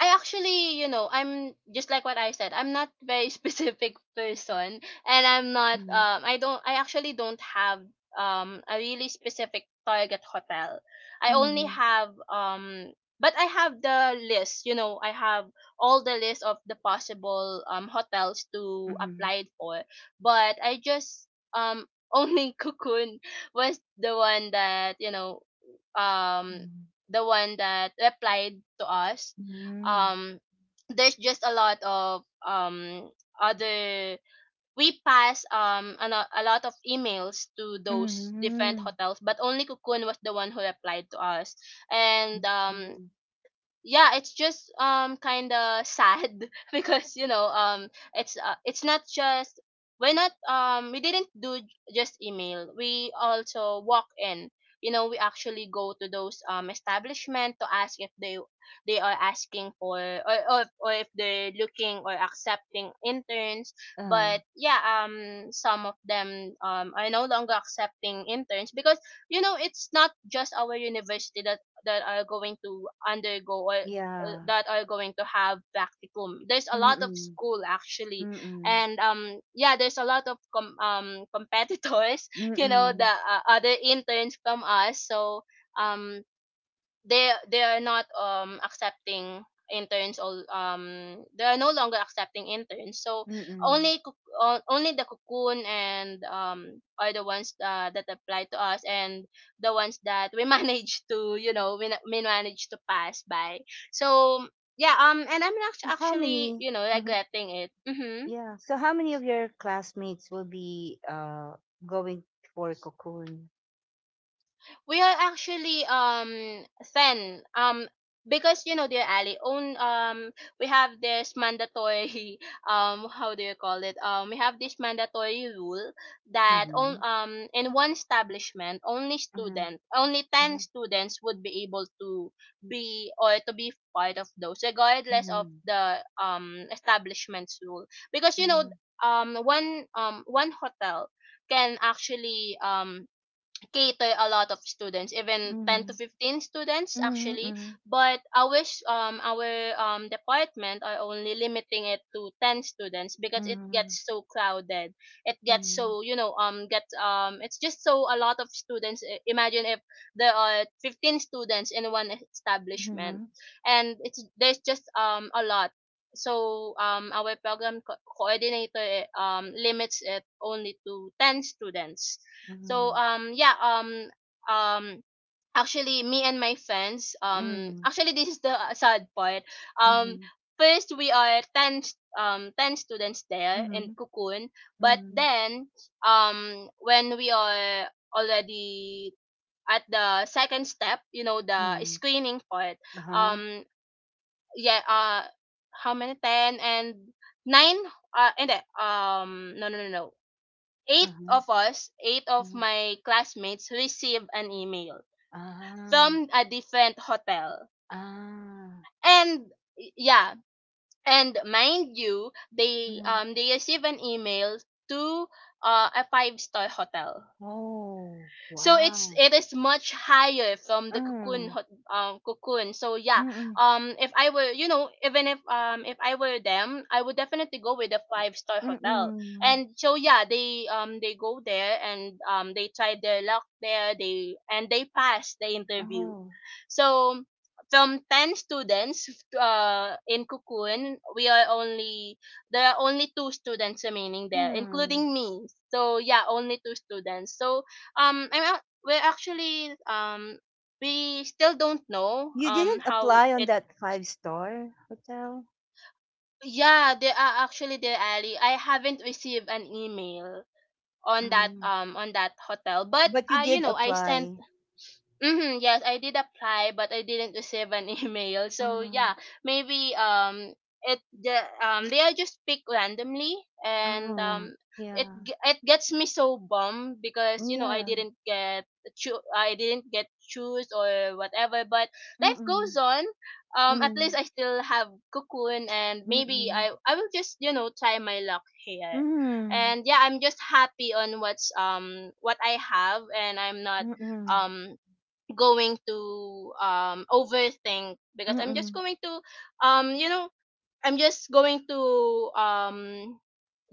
I actually, you know, I'm just like what I said. I'm not very specific person, and I'm not. I actually don't have, a really specific target hotel. I only
mm-hmm,
have But I have the list. You know, I have all the list of the possible, hotels to
mm-hmm,
apply for. But I just, only Cocoon was the one that, um the one that replied to us.
mm-hmm,
um there's just a lot of, other we pass, a lot of emails to those different
mm-hmm.
hotels, but only Cocoon was the one who replied to us.
I
And,
see.
yeah, it's just, kind of sad because, it's not just, we didn't do j- just email, we also walk in. You know, we actually go to those, establishment to ask if they are asking for, or if they're looking, or accepting interns.
Uh,
But yeah, some of them, are no longer accepting interns, because, it's not just our university that are going to undergo, or,
yeah.
that are going to have practicum. There's a lot of
Mm-mm,
school, actually,
mm-mm,
and, yeah, there's a lot of, competitors. You know the,
mm-mm,
other interns from us. So, um they are not, accepting interns, all, they are no longer accepting interns. So,
mm-mm.
only only the Cocoon, and, are the ones, that apply to us, and the ones that we manage to, we manage to pass by. So yeah, and I'm,
So how
actually,
many?
you know,
Hmm
regretting it. Mm-hmm.
Yeah. So how many of your classmates will be going for cocoon?
We are actually, thin, because, you know, dear Ali, own we have this mandatory how do you call it, we have this mandatory rule that, on
Mm-hmm,
in one establishment only,
mm-hmm,
student only 10 students would be able to be, or to be part of those, regardless of
mm-hmm,
the, establishment's rule. Because,
mm-hmm,
one hotel can actually, cater a lot of students, even 10 to
mm-hmm,
15 students, actually.
mm-hmm.
But I wish, our, department are only limiting it to 10 students, because it
Mhm,
gets so crowded. It gets
mhm,
so, you know, it's just so a lot of students. Imagine if there are 15 students in one establishment,
mhm,
there's just, a lot. So, our program coordinator, limits it only to 10 students. So,
mhm,
yeah, um actually me and my friends,
mhm,
actually this is the, sad part. um
mhm,
First, we are 10 students there in
mhm,
Cocoon, but
mhm,
then, when we are already at the second step, you know, the
mhm.
screening part.
Uh-huh,
Um, yeah, how many? 10 and nine. And No, no, no, no.
uh-huh,
Eight of
uh-huh.
my classmates received an email
Ah,
from a different hotel.
ah,
And yeah, and mind you, they
mhm.
um they received an email to, a five-star hotel.
Oh,
So,
wow.
it is much higher from the Cocoon,
Mm,
Cocoon. So yeah,
mm-mm,
if I were you know even if I were them, I would definitely go with a five-star hotel.
mm-mm.
And so yeah, they go there, and, they tried their luck there, they and they passed the interview.
Oh,
So from 10 students, in Cocoon, we are only there are only two students remaining there,
mm.
including me. So yeah, only two students. So, I'm ac- are actually we still don't know,
You didn't
how
apply on
it.
that five-star hotel,
Yeah, they are actually there, Ali. I haven't received an email
Mm,
on that hotel, but,
but you
I you
did
know I sent...
apply.
Mm-hmm. Yes, I did apply, but I didn't receive an email. So
Mm,
yeah, maybe, it the they are just pick randomly, and,
oh,
it
yeah,
g- it gets me so bummed because, you know,
yeah.
I didn't get choose, or whatever. But life goes
Mm-mm,
on. At least
mm,
I still have Cocoon, and maybe
mm-mm.
I will just, try my luck here.
Mhm,
And yeah, I'm just happy on, what I have, and I'm not,
mm,
um going to, overthink, because,
mm,
um you know I'm just going to um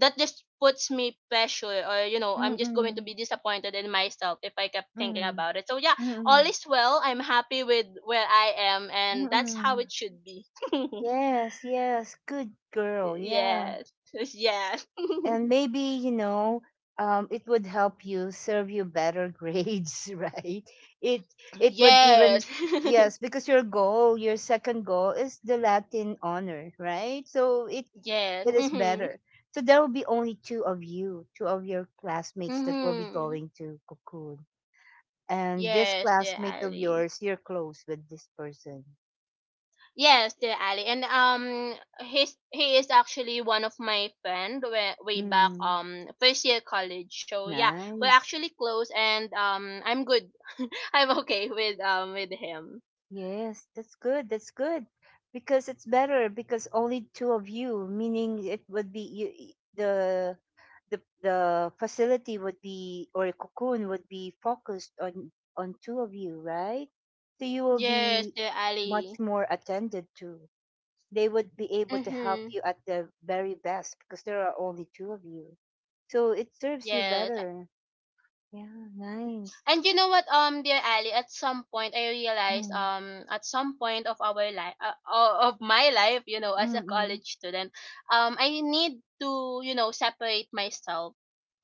that just puts me pressure, or, you know, I'm just going to
mm,
be disappointed in myself if I kept thinking
mm,
about it. So yeah, all
mm,
is well. I'm happy with where I am, and that's how
mm.
it should be.
Yes, yes, good girl, yeah.
Yes.
And maybe, you know, it would help you serve you better grades, right? It it would even
Yes. Yes.
yes, because your goal, your second goal is the Latin honor, right? So it
Yes.
it is
Mhm.
better. So there will be only two of you, two of your classmates that will be
Mhm.
going to Cocoon And this
Yes,
class
dear
make the
Ali.
viewers you're close with this person.
Yes, Sir Ali, and, he is actually one of my friend way, way back,
Mm,
first year college. So yeah, we're
nice.
actually close, and, I'm good. I'm okay with him.
Yes, that's good. That's good. Because it's better because only two of you, meaning it would be you, the facility would be or cocoon would be focused on two of you, right? So you will
Yes,
be
Sir Ali.
much more attended to. They would be able to help
Mm-hmm.
you at the very best because there are only two of you. So it serves you
Yes.
better. Yeah, nice.
And you know what, dear Ali, at some point I realized,
Mm,
at some point of our life, of my life, you know, as a
mm,
college student, I need to, you know, separate myself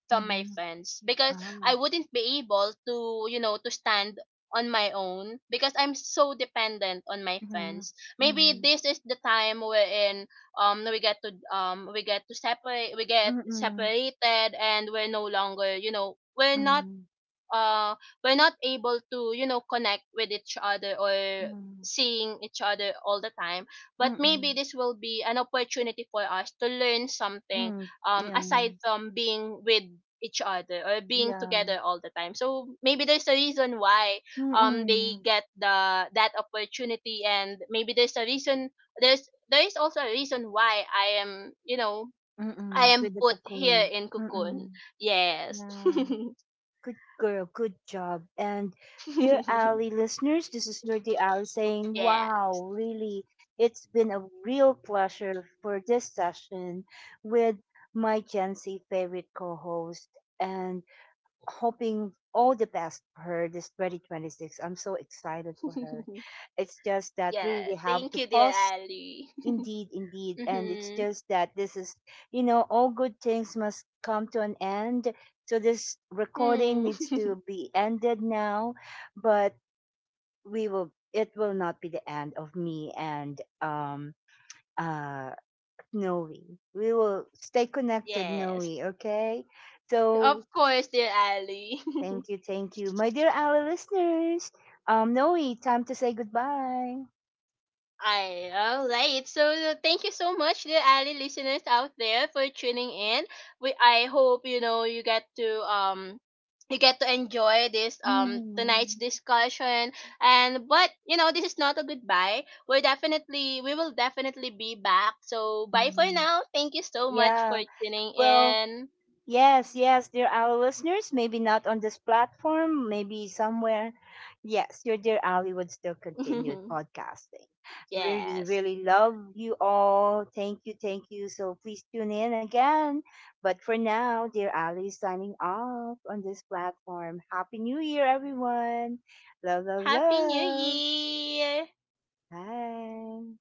from my
mm,
friends, because
ah,
I wouldn't be able to, you know, to stand on my own, because I'm so dependent on my
mm,
friends. Maybe
mm,
this is the time wherein, we get to separate we get
mm,
separated, and we're no longer, you know,
mm, mm,
uh we're not able to, connect with each other, or
mm,
seeing each other all the time. But maybe
mm,
this will be an opportunity for us to learn something,
mm, yeah,
aside from being with each other, or being
yeah,
together all the time. So maybe there's a reason why,
mm,
they
mm,
get the that opportunity. And maybe there's a reason, there is also a reason why I
mm,
am
with the
put here
cocoon.
in Cocoon.
Mm,
Yes.
yeah. Good girl, good job. And dear Ali listeners, this is Nerdy Ali saying,
Yeah.
wow, really, it's been a real pleasure for this session with my Gen Z favorite co-host and hoping all the best for her this 2026. I'm so excited for her. It's just that we
Yeah.
really have
Thank
to
you, dear
pause
Ali.
Indeed, indeed. And it's
Mm-hmm.
just that this is, you know, all good things must come to an end. So this recording
Mm.
needs to be ended now, but we will, it will not be the end of me and, uh, Noe. We will stay connected, Noe,
Yes.
okay? So
Of course, dear Ali.
thank you, thank you. My dear our listeners, Noe, time to say goodbye.
I All right. So, thank you so much, dear Ali listeners out there, for tuning in. We I hope, you know, you get to enjoy this, tonight's
Mhm.
discussion. And but you know, this is not a goodbye. We will definitely be back. So bye for
Mhm.
now, thank you so much for
Yeah.
tuning
Well,
in.
yes, yes, dear Ali listeners. Maybe not on this platform, maybe somewhere. Yes, your dear Ali would still continue podcasting. Really,
Yes.
really love you all. Thank you, thank you. So please tune in again. But for now, dear Ali is signing off on this platform. Happy New Year, everyone. Love, love,
Happy New
love.
Year!
Bye.